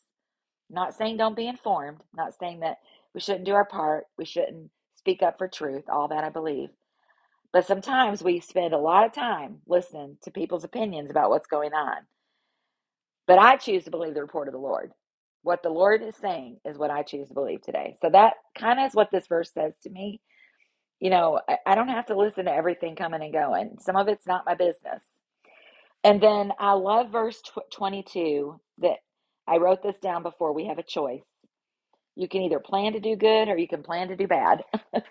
A: Not saying don't be informed, not saying that we shouldn't do our part, we shouldn't speak up for truth, all that I believe But sometimes we spend a lot of time listening to people's opinions about what's going on. But I choose to believe the report of the Lord. What the Lord is saying is what I choose to believe today. So that kind of is what this verse says to me. You know, I, I don't have to listen to everything coming and going, some of it's not my business. And then I love verse 22 that I wrote this down before we have a choice. You can either plan to do good or you can plan to do bad.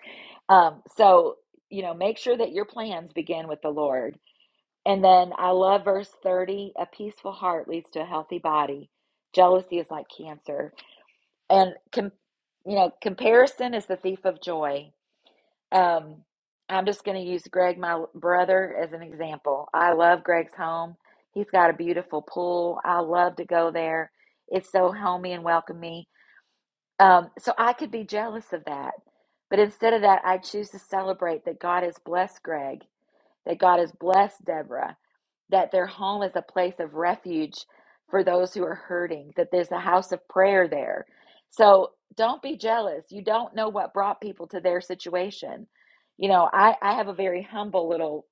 A: um, so, you know, make sure that your plans begin with the Lord And then I love verse 30 a peaceful heart leads to a healthy body. Jealousy is like cancer. And, com- you know, comparison is the thief of joy. Um, I'm just going to use Greg, my brother, as an example. I love Greg's home. He's got a beautiful pool. I love to go there. It's so homey and welcoming. Um, so I could be jealous of that. But instead of that, I choose to celebrate that God has blessed Greg, that God has blessed Deborah, that their home is a place of refuge for those who are hurting, that there's a house of prayer there. So don't be jealous. You don't know what brought people to their situation. You know, I, I have a very humble little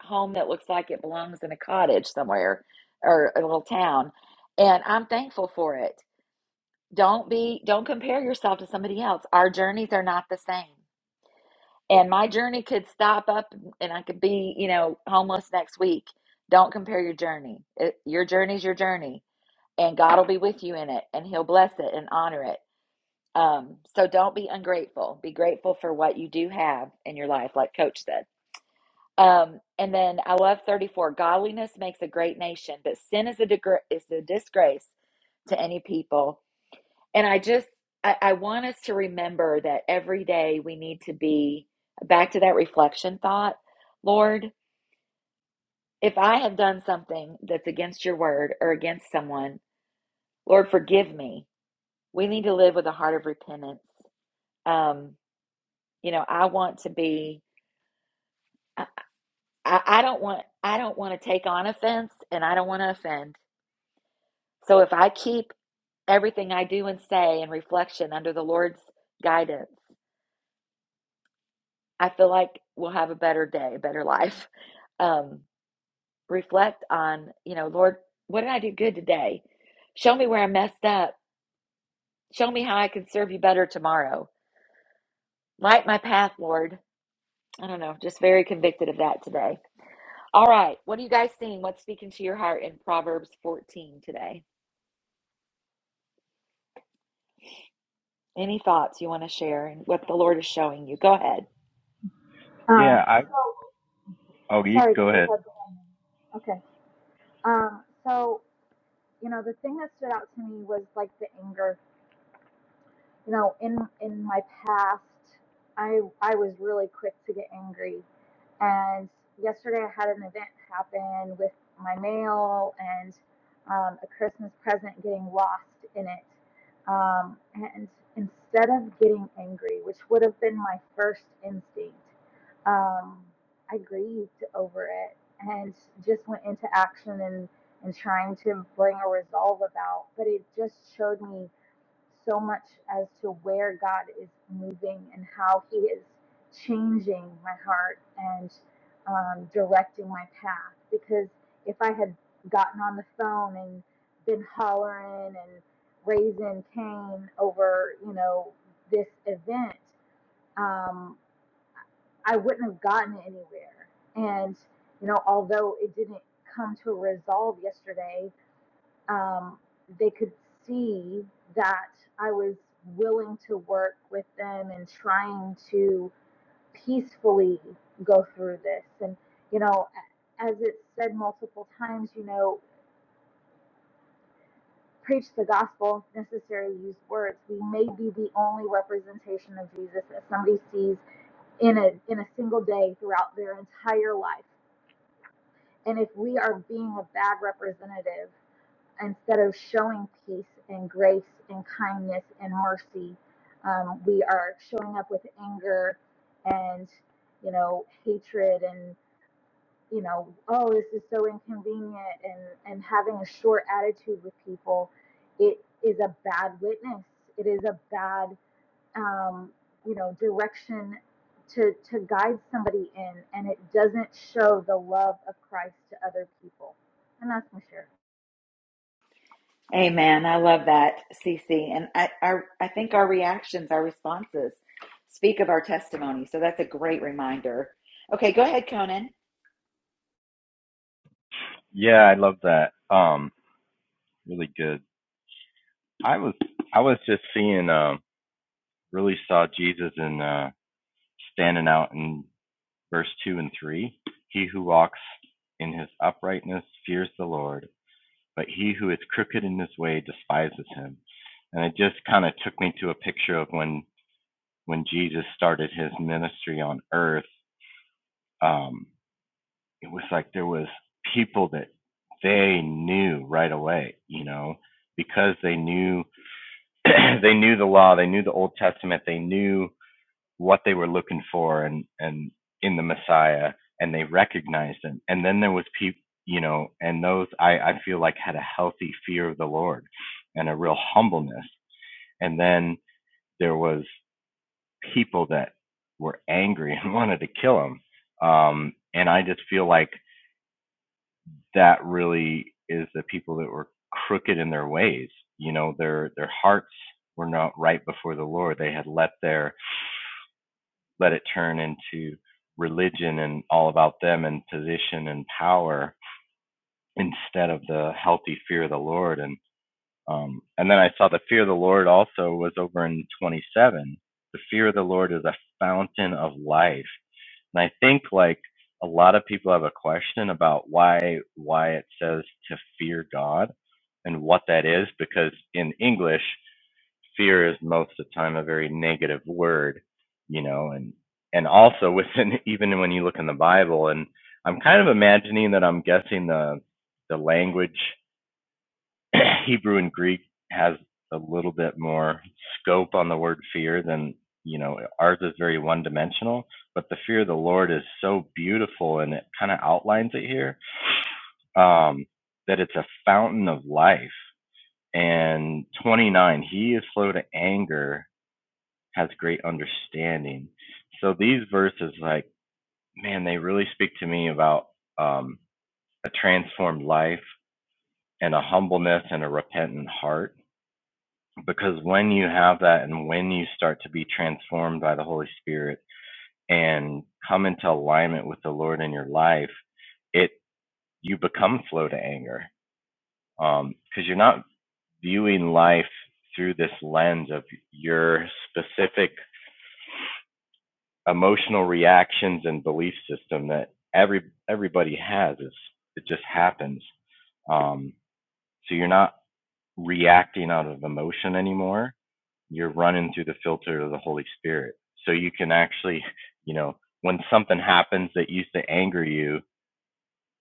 A: home that looks like it belongs in a cottage somewhere or a little town, and I'm thankful for it. Don't be, don't compare yourself to somebody else. Our journeys are not the same and my journey could stop up and I could be, you know, homeless next week. Don't compare your journey. It, your journey's your journey, and God will be with you in it, and He'll bless it and honor it. Um, so don't be ungrateful. Be grateful for what you do have in your life, like Coach said. Um, and then I love 34. Godliness makes a great nation, but sin is a degr- is a disgrace to any people. And I just, I, I want us to remember that every day we need to be back to that reflection thought. Lord, if I have done something that's against your word or against someone, Lord, forgive me. We need to live with a heart of repentance. Um, you know, I want to be, I, I I don't want, I don't want to take on offense and I don't want to offend. So if I keep everything I do and say in reflection under the Lord's guidance, I feel like we'll have a better day, a better life. um, reflect on, you know, Lord, what did I do good today? Show me where I messed up. Show me how I can serve you better tomorrow. Light my path, Lord. I don't know, just very convicted of that today. All right, what are you guys seeing? What's speaking to your heart in Proverbs 14 today? Any thoughts you want to share and what the Lord is showing you? Go ahead.
B: Um
H: Yeah, I
B: so
H: Oh, you
B: sorry, go
H: go ahead.
B: ahead. Okay. Um so, you know, the thing that stood out to me was like the anger you know, in in my past, I I was really quick to get angry, and yesterday I had an event happen with my mail and um, a Christmas present getting lost in it, um, and instead of getting angry, which would have been my first instinct, um, I grieved over it and just went into action and and trying to bring a resolve about, but it just showed me so much as to where God is moving and how He is changing my heart and um, directing my path. Because if I had gotten on the phone and been hollering and raising Cain over, you know, this event, um, I wouldn't have gotten anywhere. And, you know, although it didn't come to a resolve yesterday, um, they could see that I was willing to work with them and trying to peacefully go through this. And, you know, as it's said multiple times, you know, preach the gospel, necessary, use words. We may be the only representation of Jesus that somebody sees in a, in a single day throughout their entire life. And if we are being a bad representative, instead of showing peace and grace and kindness and mercy, um, we are showing up with anger and, you know, hatred and, you know, oh, this is so inconvenient and, and having a short attitude with people. It is a bad witness. It is a bad, um, you know, direction to, to guide somebody in, and it doesn't show the love of Christ to other people. And that's my share.
A: Amen. I love that, Cece. And I, I, I think our reactions, our responses, speak of our testimony. So that's a great reminder. Okay, go ahead, Conan.
H: Yeah, I love that. Um, really good. I was I was just seeing um really saw Jesus in uh standing out in verse two and three. He who walks in his uprightness fears the Lord, but he who is crooked in his way despises him. And it just kind of took me to a picture of when when Jesus started his ministry on earth. Um, it was like there was people that they knew right away, you know, because they knew they knew the law, they knew the Old Testament, they knew what they were looking for and and in the Messiah, and they recognized him. And then there was people, you know, and those I I feel like had a healthy fear of the Lord and a real humbleness. And then there was people that were angry and wanted to kill him. Um, and I just feel like that really is the people that were crooked in their ways. You know, their their hearts were not right before the Lord. They had let their let it turn into religion and all about them and position and power instead of the healthy fear of the Lord. And um, and then I saw the fear of the Lord also was over in 27. The fear of the Lord is a fountain of life and I think like a lot of people have a question about why why it says to fear God and what that is because in English fear is most of the time a very negative word, you know, and and also within even when you look in the Bible and I'm kind of imagining that I'm guessing the the language Hebrew and Greek has a little bit more scope on the word fear than you know ours is very one dimensional but the fear of the lord is so beautiful and it kind of outlines it here um that it's a fountain of life and 29 he is slow to anger has great understanding so these verses like man they really speak to me about um a transformed life and a humbleness and a repentant heart because when you have that and when you start to be transformed by the Holy Spirit and come into alignment with the Lord in your life, it you become flow to anger because you're not viewing life through this lens of your specific emotional reactions and belief system that every everybody has. It's, it just happens. Um, so you're not reacting out of emotion anymore you're running through the filter of the Holy Spirit. So you can actually, you know, when something happens that used to anger you,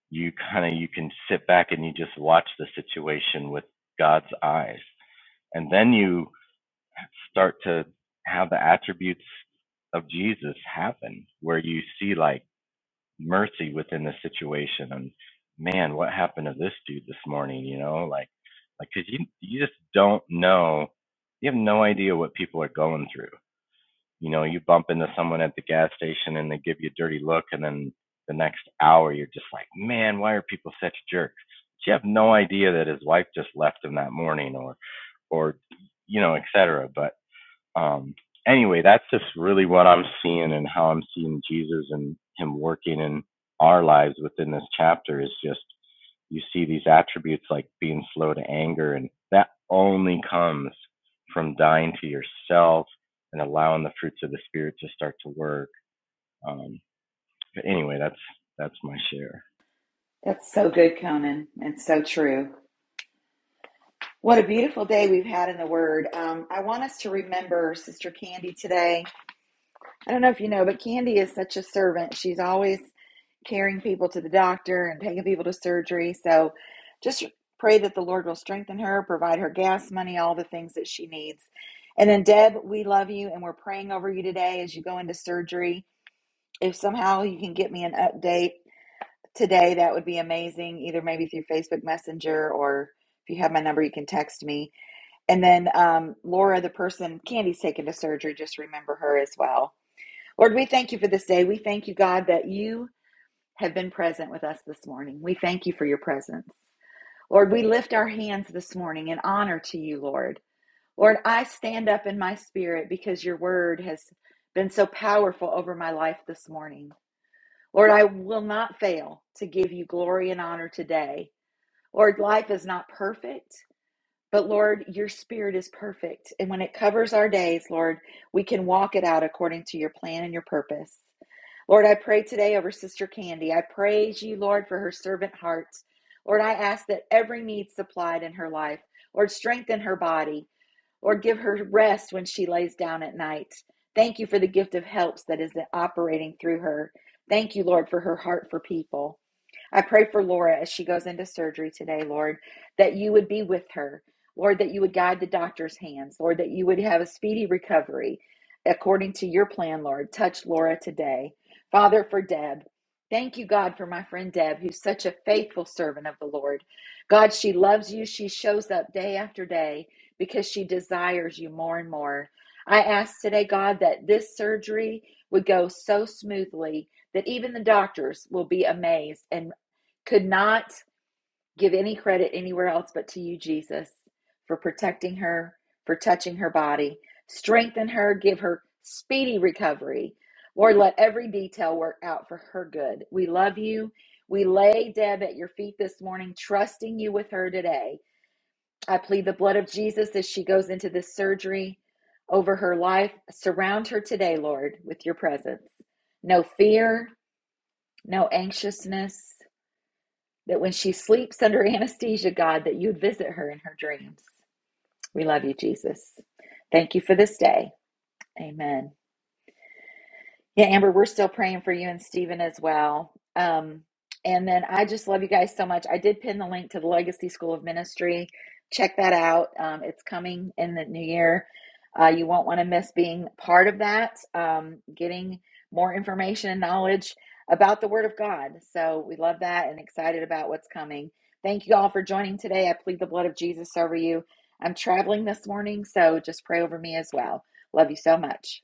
H: you kind of you can sit back and you just watch the situation with God's eyes. And then you start to have the attributes of Jesus happen where you see like mercy within the situation and man, what happened to this dude this morning, you know? Like like cuz you you just don't know. You have no idea what people are going through you know, you bump into someone at the gas station and they give you a dirty look, and then the next hour you're just like, man, why are people such jerks? But you have no idea that his wife just left him that morning, or, or, you know, et cetera. But um, anyway, that's just really what I'm seeing and how I'm seeing Jesus and Him working in our lives within this chapter is just you see these attributes like being slow to anger, and that only comes from dying to yourself and allowing the fruits of the Spirit to start to work. Um, but anyway, that's that's my share.
A: That's so good, Conan. It's so true. What a beautiful day we've had in the Word. Um, I want us to remember Sister Candy today. I don't know if you know, but Candy is such a servant. She's always carrying people to the doctor and taking people to surgery. So just pray that the Lord will strengthen her, provide her gas money, all the things that she needs. And then, Deb, we love you and we're praying over you today as you go into surgery. If somehow you can get me an update today, that would be amazing. Either maybe through Facebook Messenger or if you have my number, you can text me. And then um, Laura, the person Candy's taken to surgery, just remember her as well. Lord, we thank you for this day. We thank you, God, that you have been present with us this morning. We thank you for your presence. Lord, we lift our hands this morning in honor to you, Lord. Lord, I stand up in my spirit because your word has been so powerful over my life this morning. Lord, I will not fail to give you glory and honor today Lord, life is not perfect, but Lord, your spirit is perfect. And when it covers our days, Lord, we can walk it out according to your plan and your purpose. Lord, I pray today over Sister Candy. I praise you, Lord, for her servant heart. Lord, I ask that every need supplied in her life, Lord, strengthen her body. Lord, give her rest when she lays down at night. Thank you for the gift of helps that is operating through her. Thank you, Lord, for her heart for people. I pray for Laura as she goes into surgery today, Lord, that you would be with her. Lord, that you would guide the doctor's hands. Lord, that you would have a speedy recovery according to your plan, Lord. Touch Laura today. Father, for Deb, thank you, God, for my friend Deb, who's such a faithful servant of the Lord. God, she loves you. She shows up day after day because she desires you more and more. I ask today, God, that this surgery would go so smoothly that even the doctors will be amazed and could not give any credit anywhere else but to you, Jesus, for protecting her, for touching her body. Strengthen her, give her speedy recovery. Lord, let every detail work out for her good. We love you. We lay Deb at your feet this morning, trusting you with her today. I plead the blood of Jesus as she goes into this surgery over her life. Surround her today, Lord, with your presence. No fear, no anxiousness, that when she sleeps under anesthesia, God, that you'd visit her in her dreams. We love you, Jesus. Thank you for this day. Amen. Yeah, Amber, we're still praying for you and Stephen as well. Um, and then I just love you guys so much. I did pin the link to the Legacy School of Ministry. Check that out. Um, it's coming in the new year. Uh, you won't want to miss being part of that, um, getting more information and knowledge about the Word of God. So we love that and excited about what's coming. Thank you all for joining today. I plead the blood of Jesus over you. I'm traveling this morning, so just pray over me as well. Love you so much.